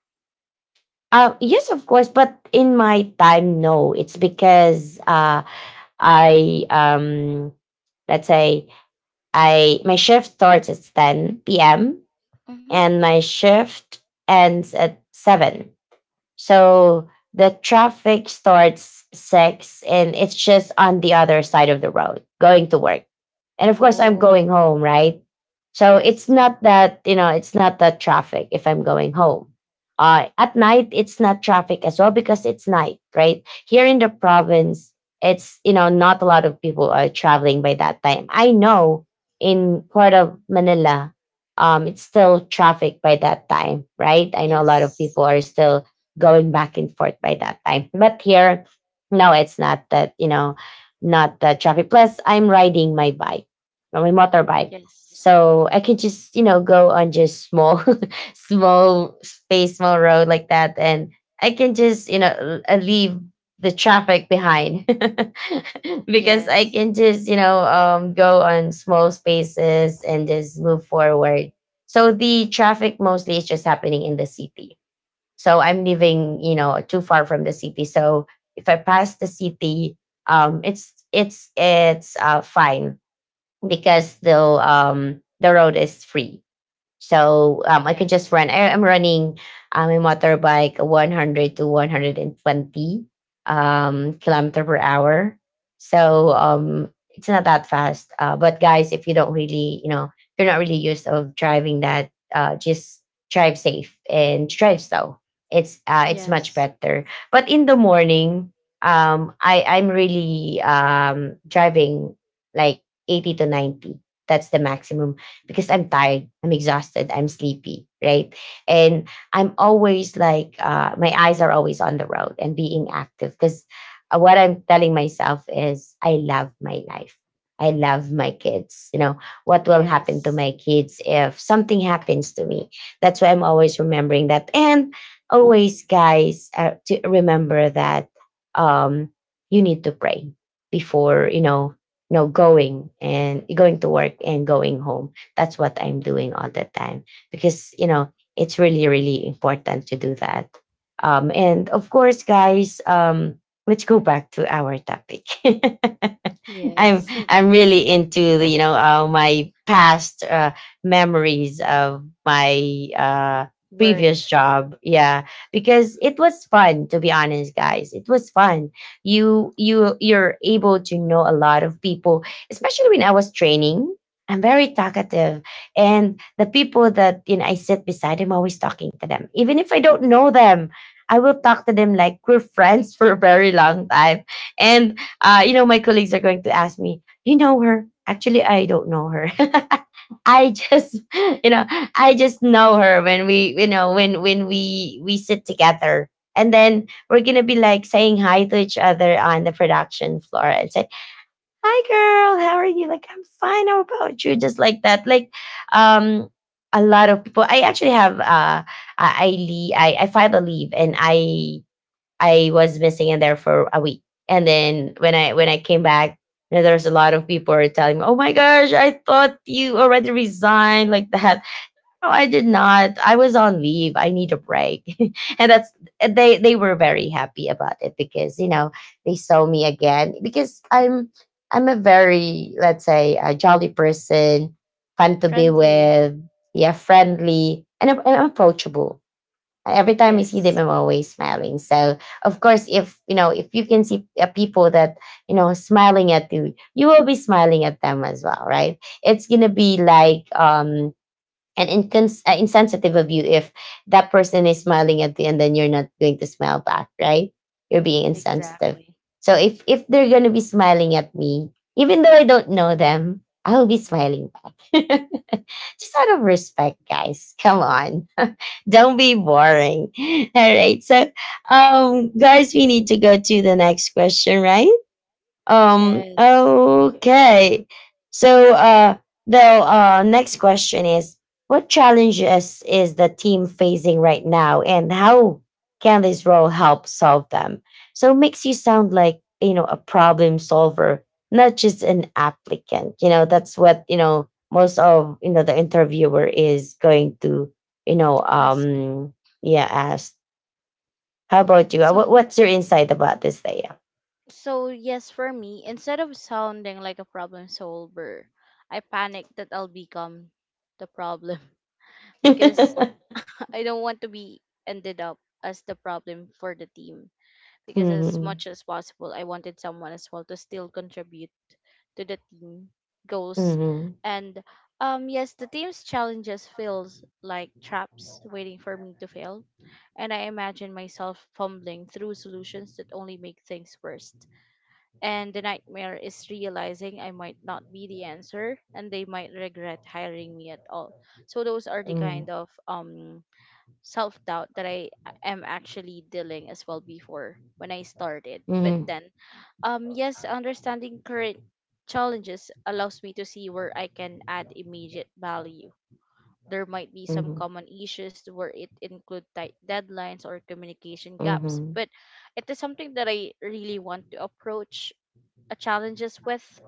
[SPEAKER 1] Yes, of course, but in my time, no. It's because I let's say, I my shift starts at ten p.m.
[SPEAKER 2] Mm-hmm.
[SPEAKER 1] and my shift ends at seven. So the traffic starts six, and it's just on the other side of the road going to work. And of course, I'm going
[SPEAKER 2] Oh,
[SPEAKER 1] home, right? So it's
[SPEAKER 2] yes.
[SPEAKER 1] not that, you know, it's not that traffic if I'm going home. At night, it's not traffic as well because it's night, right? Here in the province, it's, you know, not a lot of people are traveling by that time. I know in part of Manila, it's still traffic by that time, right? I know a lot of
[SPEAKER 2] Yes.
[SPEAKER 1] people are still going back and forth by that time. But here, no, it's not that, you know, not the traffic. Plus, I'm riding my bike on my motorbike.
[SPEAKER 2] Yes.
[SPEAKER 1] So I could just, you know, go on just small, [LAUGHS] small space, small road like that. And I can just, you know, leave the traffic behind [LAUGHS] because I
[SPEAKER 2] Yes.
[SPEAKER 1] can just, you know, go on small spaces and just move forward. So the traffic mostly is just happening in the city. So I'm living, you know, too far from the city. So if I pass the city, it's fine because the road is free, so I could just
[SPEAKER 2] Yes.
[SPEAKER 1] run. I'm running a motorbike 100 to 120 kilometer per hour. So it's not that fast. But guys, if you don't really, you know, if you're not really used of driving that, just drive safe and drive slow. It's much
[SPEAKER 2] Yes.
[SPEAKER 1] better. But in the morning, I'm really driving like 80 to 90. That's the maximum because I'm tired, I'm exhausted, I'm sleepy, right? And I'm always like, my eyes are always on the road and being active because what I'm telling myself is, I love my life. I love my kids. You know, what will happen to
[SPEAKER 2] Yes.
[SPEAKER 1] my kids if something happens to me? That's why I'm always remembering that. And always, guys, to remember that um, you need to pray before, going to work and going home. That's what I'm doing all the time because, you know, it's really important to do that. And of course, guys, let's go back to our topic. [LAUGHS] [LAUGHS] I'm
[SPEAKER 2] Yes. [LAUGHS]
[SPEAKER 1] I'm really into the, my past memories of my previous
[SPEAKER 2] Work.
[SPEAKER 1] job. Yeah, because it was fun to be honest, guys. It was fun. You're able to know a lot of people, especially when I was training. I'm very talkative, and the people that, you know, I sit beside, I'm always talking to them, even if I don't know them. I will talk to them like we're friends [LAUGHS] for a very long time. And you know, my colleagues are going to ask me, "You know her?" Actually, I don't know her. [LAUGHS] I just, [LAUGHS] you know, I just know her when we, you know, when we sit together, and then we're gonna be like saying hi to each other on the production floor and say, "Hi, girl, how are you?" Like, "I'm fine. How about you?" Just like that. Like, um, a lot of people. I actually have I, le- I filed a leave, and I was missing in there for a week. And then when I came back, you know, there's a lot of people were telling me, "Oh my gosh, I thought you already resigned like that." No, I did not. I was on leave. I need a break. [LAUGHS] And that's — and they were very happy about it because, you know, they saw me again, because I'm a very, let's say, a jolly person, fun to be
[SPEAKER 2] Friendly.
[SPEAKER 1] with, yeah, friendly, and I'm approachable. Every time I see them,
[SPEAKER 2] Yes.
[SPEAKER 1] I'm always smiling. So of course, if you know, if you can see people that, you know, smiling at you, you will be smiling at them as well, right? It's gonna be like an insensitive of you if that person is smiling at you and then you're not going to smile back, right? You're being insensitive.
[SPEAKER 2] Exactly.
[SPEAKER 1] So if they're gonna be smiling at me, even though I don't know them, I will be smiling back. [LAUGHS] Just out of respect, guys. Come on. Don't be boring. [LAUGHS] All right. So, guys, we need to go to the next question, right?
[SPEAKER 2] Yes.
[SPEAKER 1] Okay. So, the next question is: what challenges is the team facing right now, and how can this role help solve them? So, it makes you sound like, you know, a problem solver, not just an applicant. You know, that's what you know most of you know the interviewer is going to you know
[SPEAKER 2] Ask.
[SPEAKER 1] um yeah, ask. How about you? Uh, What,
[SPEAKER 2] So,
[SPEAKER 1] what's your insight about this, Thea?
[SPEAKER 2] so, yes, for me, instead of sounding like a problem solver, I panic that I'll become the problem. [LAUGHS] Because
[SPEAKER 1] [LAUGHS]
[SPEAKER 2] [LAUGHS] I don't want to be ended up as the problem for the team, because as
[SPEAKER 1] Mhm.
[SPEAKER 2] much as possible, I wanted someone as well to still contribute to the team goals.
[SPEAKER 1] Mhm.
[SPEAKER 2] And yes, the team's challenges feels like traps waiting for me to fail, and I imagine myself fumbling through solutions that only make things worse. And the nightmare is realizing I might not be the answer, and they might regret hiring me at all. So those are the kind
[SPEAKER 1] Mm.
[SPEAKER 2] of self doubt that I am actually dealing as well before when I started. But
[SPEAKER 1] Mhm.
[SPEAKER 2] then, yes, understanding current challenges allows me to see where I can add immediate value. There might be some
[SPEAKER 1] Mhm.
[SPEAKER 2] common issues where it include tight deadlines or communication gaps,
[SPEAKER 1] Mhm.
[SPEAKER 2] but it is something that I really want to approach challenges with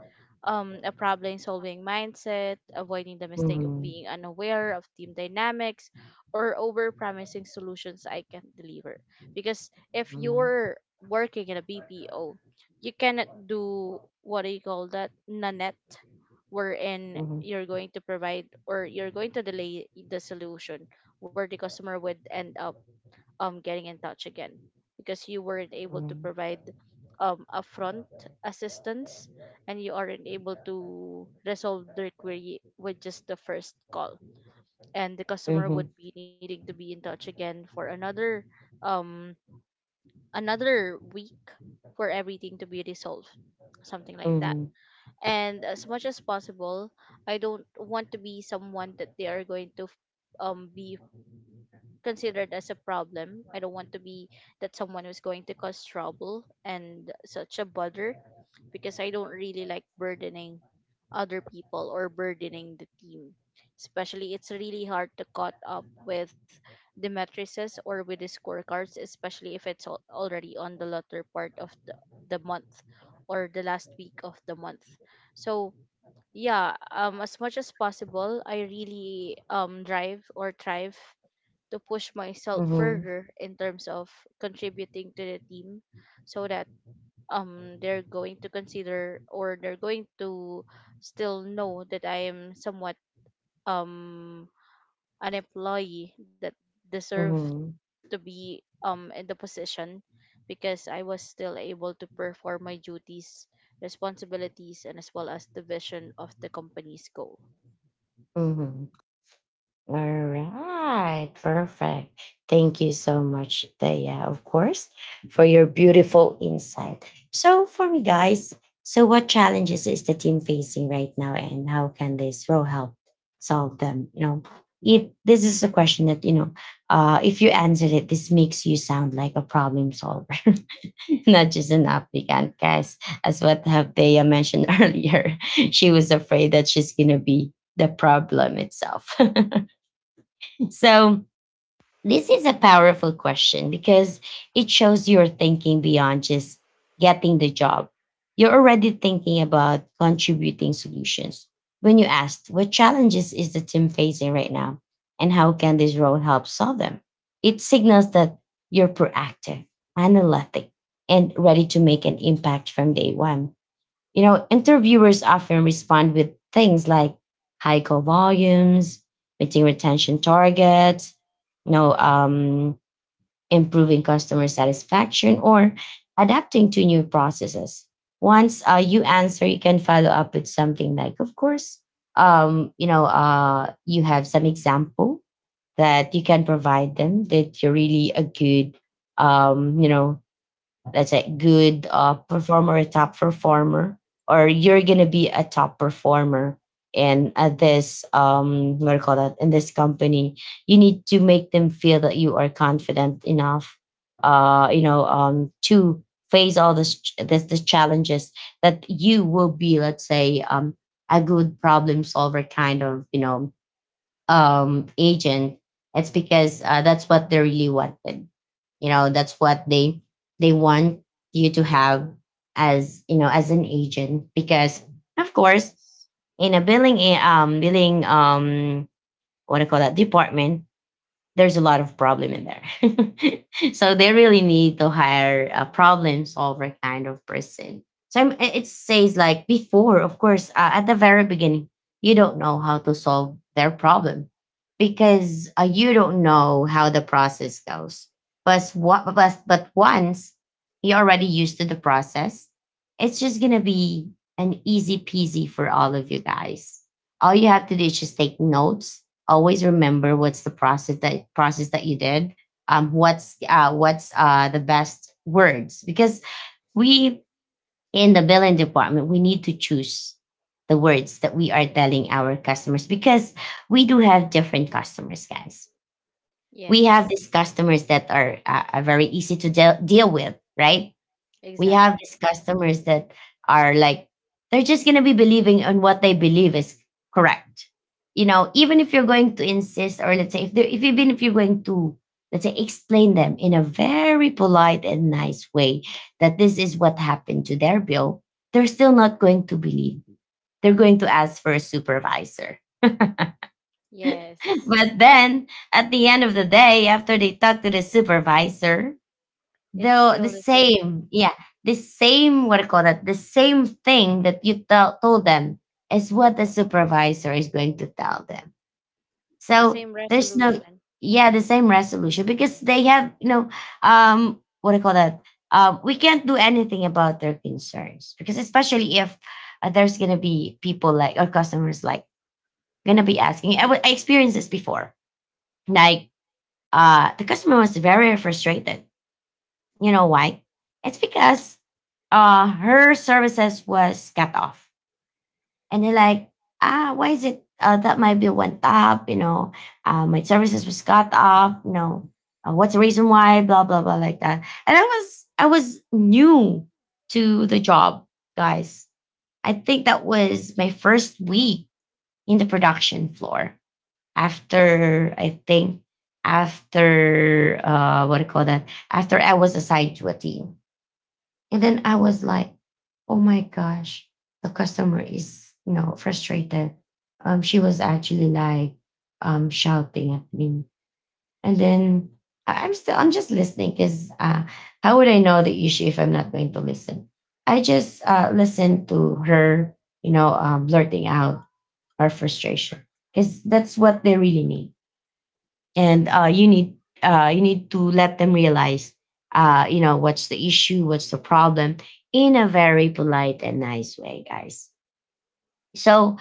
[SPEAKER 2] a problem solving mindset, avoiding the mistake of
[SPEAKER 1] Mhm.
[SPEAKER 2] being unaware of team dynamics, or over promising solutions I can deliver. Because if you're working in a BPO, you cannot do, what do you call that, Nanette, wherein
[SPEAKER 1] Mhm.
[SPEAKER 2] you're going to provide or you're going to delay the solution, where the customer would end up getting in touch again because you weren't able to
[SPEAKER 1] Mhm.
[SPEAKER 2] provide upfront assistance, and you aren't able to resolve their query with just the first call, and the customer
[SPEAKER 1] Mhm.
[SPEAKER 2] would be needing to be in touch again for um another week for everything to be resolved, something like that.
[SPEAKER 1] Mhm.
[SPEAKER 2] And as much as possible, I don't want to be someone that they are going to be considered as a problem. I don't want to be that someone who's going to cause trouble and such a bother, because I don't really like burdening other people or burdening the team. Especially, it's really hard to caught up with the matrices or with the scorecards, especially if it's already on the latter part of the month or the last week of the month. So, yeah, as much as possible, I really drive or thrive to push myself
[SPEAKER 1] Mhm. Mhm.
[SPEAKER 2] further in terms of contributing to the team, so that they're going to consider, or they're going to still know that I am somewhat um an employee that deserve
[SPEAKER 1] Mhm.
[SPEAKER 2] to be in the position, because I was still able to perform my duties, responsibilities, and as well as the vision of the company's goal.
[SPEAKER 1] Mhm. All right, perfect. Thank you so much, Daya, of course, for your beautiful insight. So, for me, guys, so what challenges is the team facing right now, and how can this role help solve them? If this is a question that if you answer it, this makes you sound like a problem solver, [LAUGHS] not just an applicant, guys. As what have Daya mentioned [LAUGHS] earlier, she was afraid that she's gonna be the problem itself. So, this is a powerful question because it shows you're thinking beyond just getting the job. You're already thinking about contributing solutions. When you asked, what challenges is the team facing right now? And how can this role help solve them? It signals that you're proactive, analytic, and ready to make an impact from day one. You know, interviewers often respond with things like high call volumes, meeting retention targets, you know, um, improving customer satisfaction, or adapting to new processes. Once you answer, you can follow up with something like, of course, you have some example that you can provide them that you're really a good, um, you know, let's say good performer, a top performer, or you're gonna be a top performer. And at this what do you call that, in this company you need to make them feel that you are confident enough, to face all this the challenges that you will be, let's say, a good problem solver kind of agent. It's because that's what they really wanted. You know, that's what they want you to have as you know as an agent because of course
[SPEAKER 2] Yes.
[SPEAKER 1] in a billing what do you call that department, there's a lot of problem in there. [LAUGHS] So they really need to hire a problem solver kind of person. So it says like before, of course, at the very beginning, you don't know how to solve their problem because you don't know how the process goes. But but once you're already used to the process, it's just gonna be an easy peasy for all of you guys. All you have to do is just take notes, always remember what's the process, that process that you did, what's the best words, because we in the billing department we need to choose the words that we are telling our customers, because we do have different customers, guys. We have
[SPEAKER 2] Yes.
[SPEAKER 1] these customers that are very easy to deal with, right? We have
[SPEAKER 2] Exactly.
[SPEAKER 1] these customers that are like they're just going to be believing on what they believe is correct. You know, even if you're going to insist, or let's say if they're if even if you're going to, let's say, explain them in a very polite and nice way that this is what happened to their bill, they're still not going to believe. They're going to ask for a supervisor. [LAUGHS]
[SPEAKER 2] Yes.
[SPEAKER 1] But then at the end of the day, after they talk to the supervisor,
[SPEAKER 2] It's
[SPEAKER 1] the
[SPEAKER 2] still
[SPEAKER 1] the
[SPEAKER 2] the same.
[SPEAKER 1] same. Yeah, the same, what do you call that, the same thing that you tell told them is what the supervisor is going to tell them.
[SPEAKER 2] The
[SPEAKER 1] So
[SPEAKER 2] same
[SPEAKER 1] there's no,
[SPEAKER 2] resolution.
[SPEAKER 1] yeah, the same resolution, because they have, you know, what do you call that, we can't do anything about their concerns. Because especially if there's gonna be people like, or customers like, gonna be asking, I experienced this before. Like, the customer was very frustrated. You know why? It's because her services was cut off. And they're like, ah, why is it, that my bill went up? You know, my services was cut off. You know, what's the reason why? Blah blah blah like that. And I was new to the job, guys. I think that was my first week in the production floor, after, I think, after what do you call that, after I was assigned to a team. And then I was like, oh my gosh, the customer is, you know, frustrated. She was actually like shouting at me. And then I'm just listening, because how would I know the issue if I'm not going to listen? I just listened to her, you know, blurting out her frustration, because that's what they really need. And you need to let them realize, you know, what's the issue, what's the problem, in a very polite and nice way, guys. So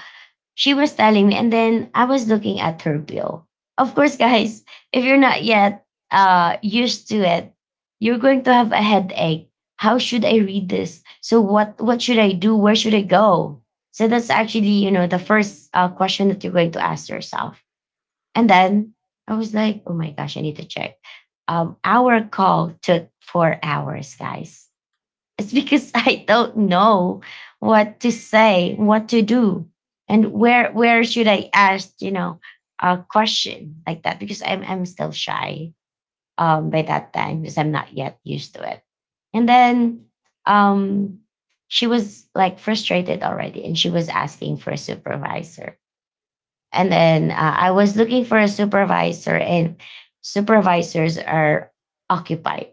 [SPEAKER 1] she was telling me, and then I was looking at her bill, of course. [LAUGHS] Guys, if you're not yet used to it, you're going to have a headache. How should I read this, so what should I do, where should I go? So that's actually, you know, the first question that you're going to ask yourself. And then I was like, oh my gosh, I need to check. Our call took 4 hours, guys. It's because, [LAUGHS] I don't know what to say, what to do, and where should I ask, you know, a question like that, because I'm still shy by that time because I'm not yet used to it. And then um, she was like frustrated already, and she was asking for a supervisor. And then I was looking for a supervisor, and supervisors are occupied.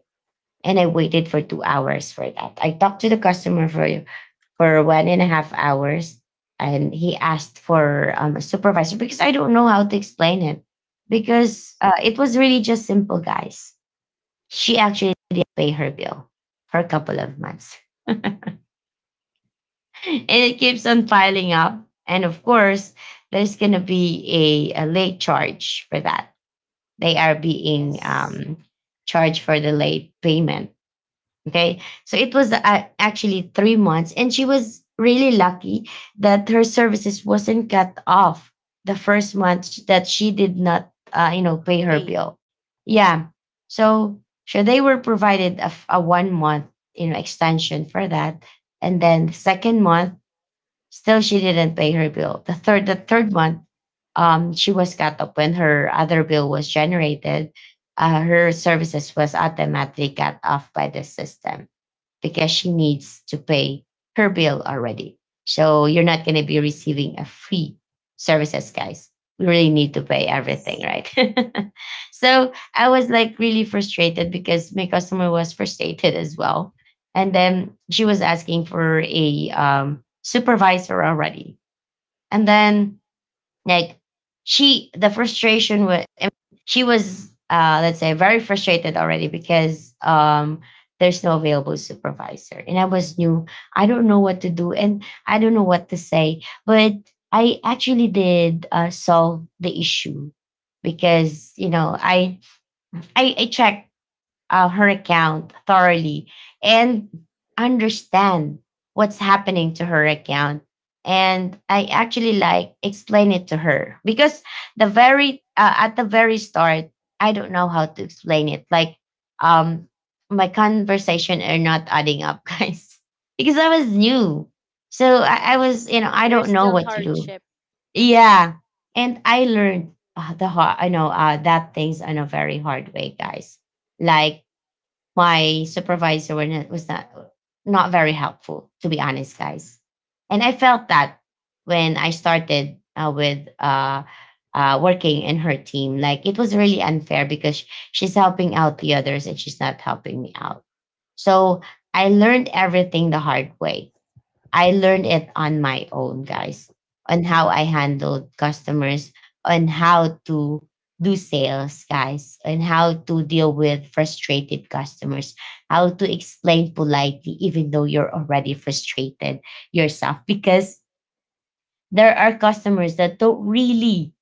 [SPEAKER 1] And I waited for 2 hours for that. I talked to the customer for 1.5 hours, and he asked for a supervisor, because I don't know how to explain it, because
[SPEAKER 2] Yes.
[SPEAKER 1] it was really just simple, guys. She actually didn't pay her bill for a couple of months, [LAUGHS] and it keeps on piling up. And of course, there's gonna be a late charge for that. They are being
[SPEAKER 2] Yes.
[SPEAKER 1] charged for the late payment. Okay. So it was actually 3 months. And she was really lucky that her services wasn't cut off the first month that she did not, pay her
[SPEAKER 2] Pay.
[SPEAKER 1] bill. Yeah. So, so they were provided a 1 month, you know, extension for that. And then second month, still she didn't pay her bill. The third month, she was cut off when her other bill was generated. Her services was automatically cut off by the system because she needs to pay her bill already. So you're not going to be receiving a free services, guys. We really need to pay everything,
[SPEAKER 2] Yes.
[SPEAKER 1] right? [LAUGHS] So I was like really frustrated, because my customer was frustrated as well. And then she was asking for a supervisor already. And then like she, the frustration was, she was, let's say, very frustrated already, because there's no available supervisor, and I was new. I don't know what to do, and I don't know what to say. But I actually did solve the issue, because, you know, I checked her account thoroughly, and understand what's happening to her account. And I actually like explain it to her. Because the very at the very start, I don't know how to explain it. Like, um, my conversation are not adding up, [LAUGHS] guys, because I was new. So I
[SPEAKER 2] Yes.
[SPEAKER 1] was, you know, I don't
[SPEAKER 2] There's
[SPEAKER 1] know
[SPEAKER 2] still
[SPEAKER 1] what to do.
[SPEAKER 2] hardship.
[SPEAKER 1] Yeah, and I learned I know that things on a very hard way, guys. Like my supervisor were not, was not very helpful, to be honest, guys. And I felt that when I started with working in her team, like it was really unfair, because she's helping out the others and she's not helping me out. So I learned everything the hard way. I learned it on my own, guys, on how I handled customers, on how to do sales, guys, and how to deal with frustrated customers, how to explain politely, even though you're already frustrated yourself. Because there are customers that don't really,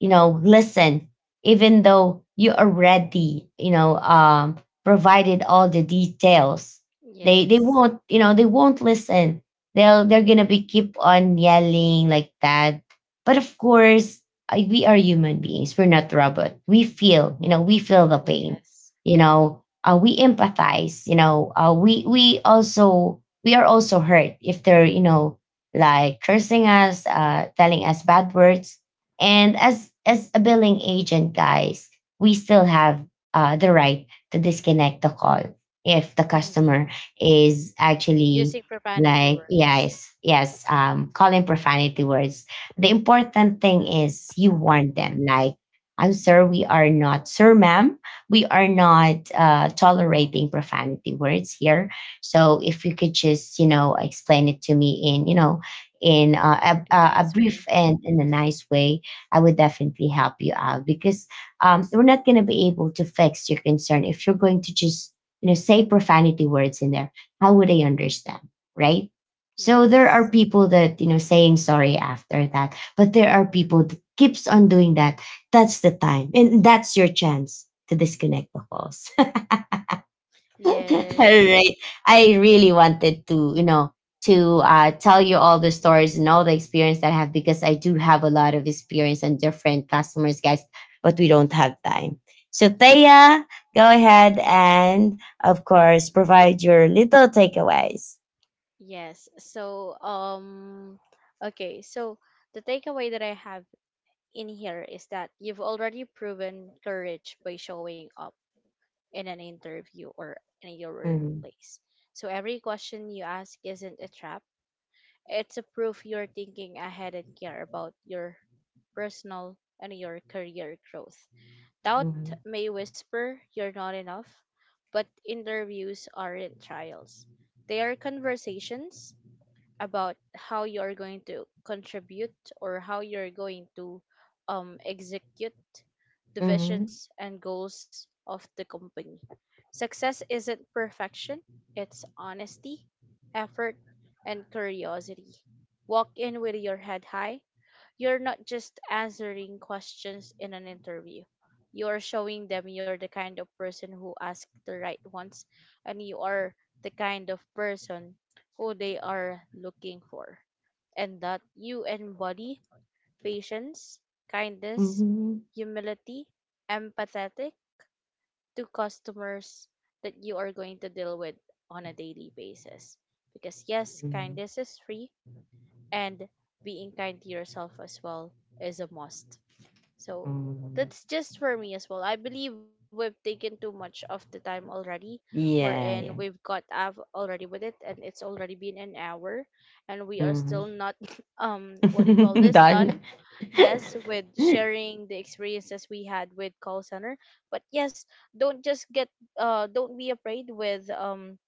[SPEAKER 1] you know, listen, even though you already, you know, provided all the details. They
[SPEAKER 2] Yes.
[SPEAKER 1] won't, you know, they won't listen. They're gonna be keep on yelling like that. But of course, we are human beings, we're not robot. We feel, you know, we feel the pain.
[SPEAKER 2] Yes.
[SPEAKER 1] You know, we empathize. You know, we are also hurt if they're, you know, like cursing us, telling us bad words. And as a billing agent, guys, we still have the right to disconnect the call if the
[SPEAKER 2] Indeed.
[SPEAKER 1] customer is actually
[SPEAKER 2] Using profanity
[SPEAKER 1] like,
[SPEAKER 2] words.
[SPEAKER 1] yes, yes, calling profanity words. The important thing is you warn them, like, I'm sir, we are not, sir, ma'am, we are not tolerating profanity words here. So if you could just, you know, explain it to me in, you know, in
[SPEAKER 2] A
[SPEAKER 1] a
[SPEAKER 2] nice
[SPEAKER 1] brief
[SPEAKER 2] way.
[SPEAKER 1] and in a nice way, I would definitely help you out. Because we're not going to be able to fix your concern if you're going to just, you know, say profanity words in there. How would they understand, right? So there are
[SPEAKER 2] Yes.
[SPEAKER 1] people that, you know, saying sorry after that, but there are people that keeps on doing that. That's the time, and that's your chance to disconnect the calls. [LAUGHS] [LAUGHS] All
[SPEAKER 2] Yes.
[SPEAKER 1] right. I really wanted to, you know, to tell you all the stories and all the experience that I have, because I do have a lot of experience on different customers, guys, but we don't have time. So, Thea, go ahead and, of course, provide your little takeaways.
[SPEAKER 2] Yes. So, okay. So, the takeaway that I have in here is that you've already proven courage by showing up in an interview or in your
[SPEAKER 1] Mhm,
[SPEAKER 2] workplace. So every question you ask isn't a trap. It's a proof you're thinking ahead and care about your personal and your career growth. Doubt
[SPEAKER 1] mhm,
[SPEAKER 2] may whisper you're not enough, but interviews aren't trials. They are conversations about how you're going to contribute, or how you're going to execute the
[SPEAKER 1] mhm,
[SPEAKER 2] visions and goals of the company. Success isn't perfection, it's honesty, effort, and curiosity. Walk in with your head high. You're not just answering questions in an interview. You're showing them you're the kind of person who asks the right ones, and you are the kind of person who they are looking for. And that you embody patience, kindness,
[SPEAKER 1] mhm,
[SPEAKER 2] humility, empathetic to customers that you are going to deal with on a daily basis. Because yes,
[SPEAKER 1] mhm,
[SPEAKER 2] kindness is free, and being kind to yourself as well is a must. So,
[SPEAKER 1] mhm.
[SPEAKER 2] that's just for me as well. I believe we've taken too much of the time already.
[SPEAKER 1] Yeah,
[SPEAKER 2] We've
[SPEAKER 1] yeah.
[SPEAKER 2] got up already with it, and it's already been an hour, and we are still
[SPEAKER 1] Mhm.
[SPEAKER 2] not, [LAUGHS] what do you call
[SPEAKER 1] [LAUGHS]
[SPEAKER 2] this,
[SPEAKER 1] Done.
[SPEAKER 2] done. Yes, with
[SPEAKER 1] [LAUGHS]
[SPEAKER 2] sharing the experiences we had with call center. But yes, don't just get, don't be afraid with,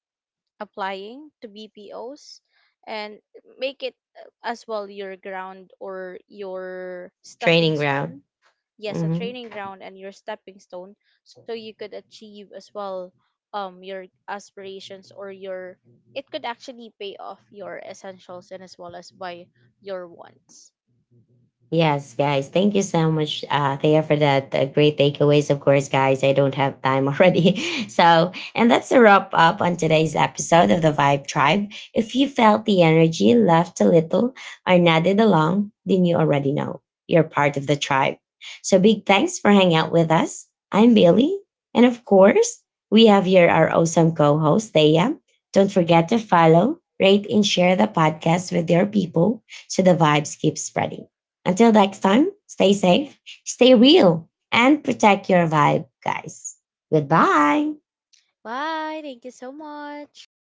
[SPEAKER 2] applying to BPOs and make it as well your ground or your stepping
[SPEAKER 1] Training ground.
[SPEAKER 2] stone, yes, a training ground and your stepping stone, so you could achieve as well your aspirations or your it could actually pay off your essentials and as well as by your wants.
[SPEAKER 1] Yes, guys. Thank you so much, Thea, for that great takeaways. Of course, guys, I don't have time already. [LAUGHS] So, and that's a wrap up on today's episode of the Vibe Tribe. If you felt the energy, laughed a little, or nodded along, then you already know you're part of the tribe. So, big thanks for hanging out with us. I'm Billy. And of course, we have here our awesome co host, Thea. Don't forget to follow, rate, and share the podcast with your people so the vibes keep spreading. Until next time, stay safe, stay real, and protect your vibe, guys. Goodbye.
[SPEAKER 2] Bye, thank you so much.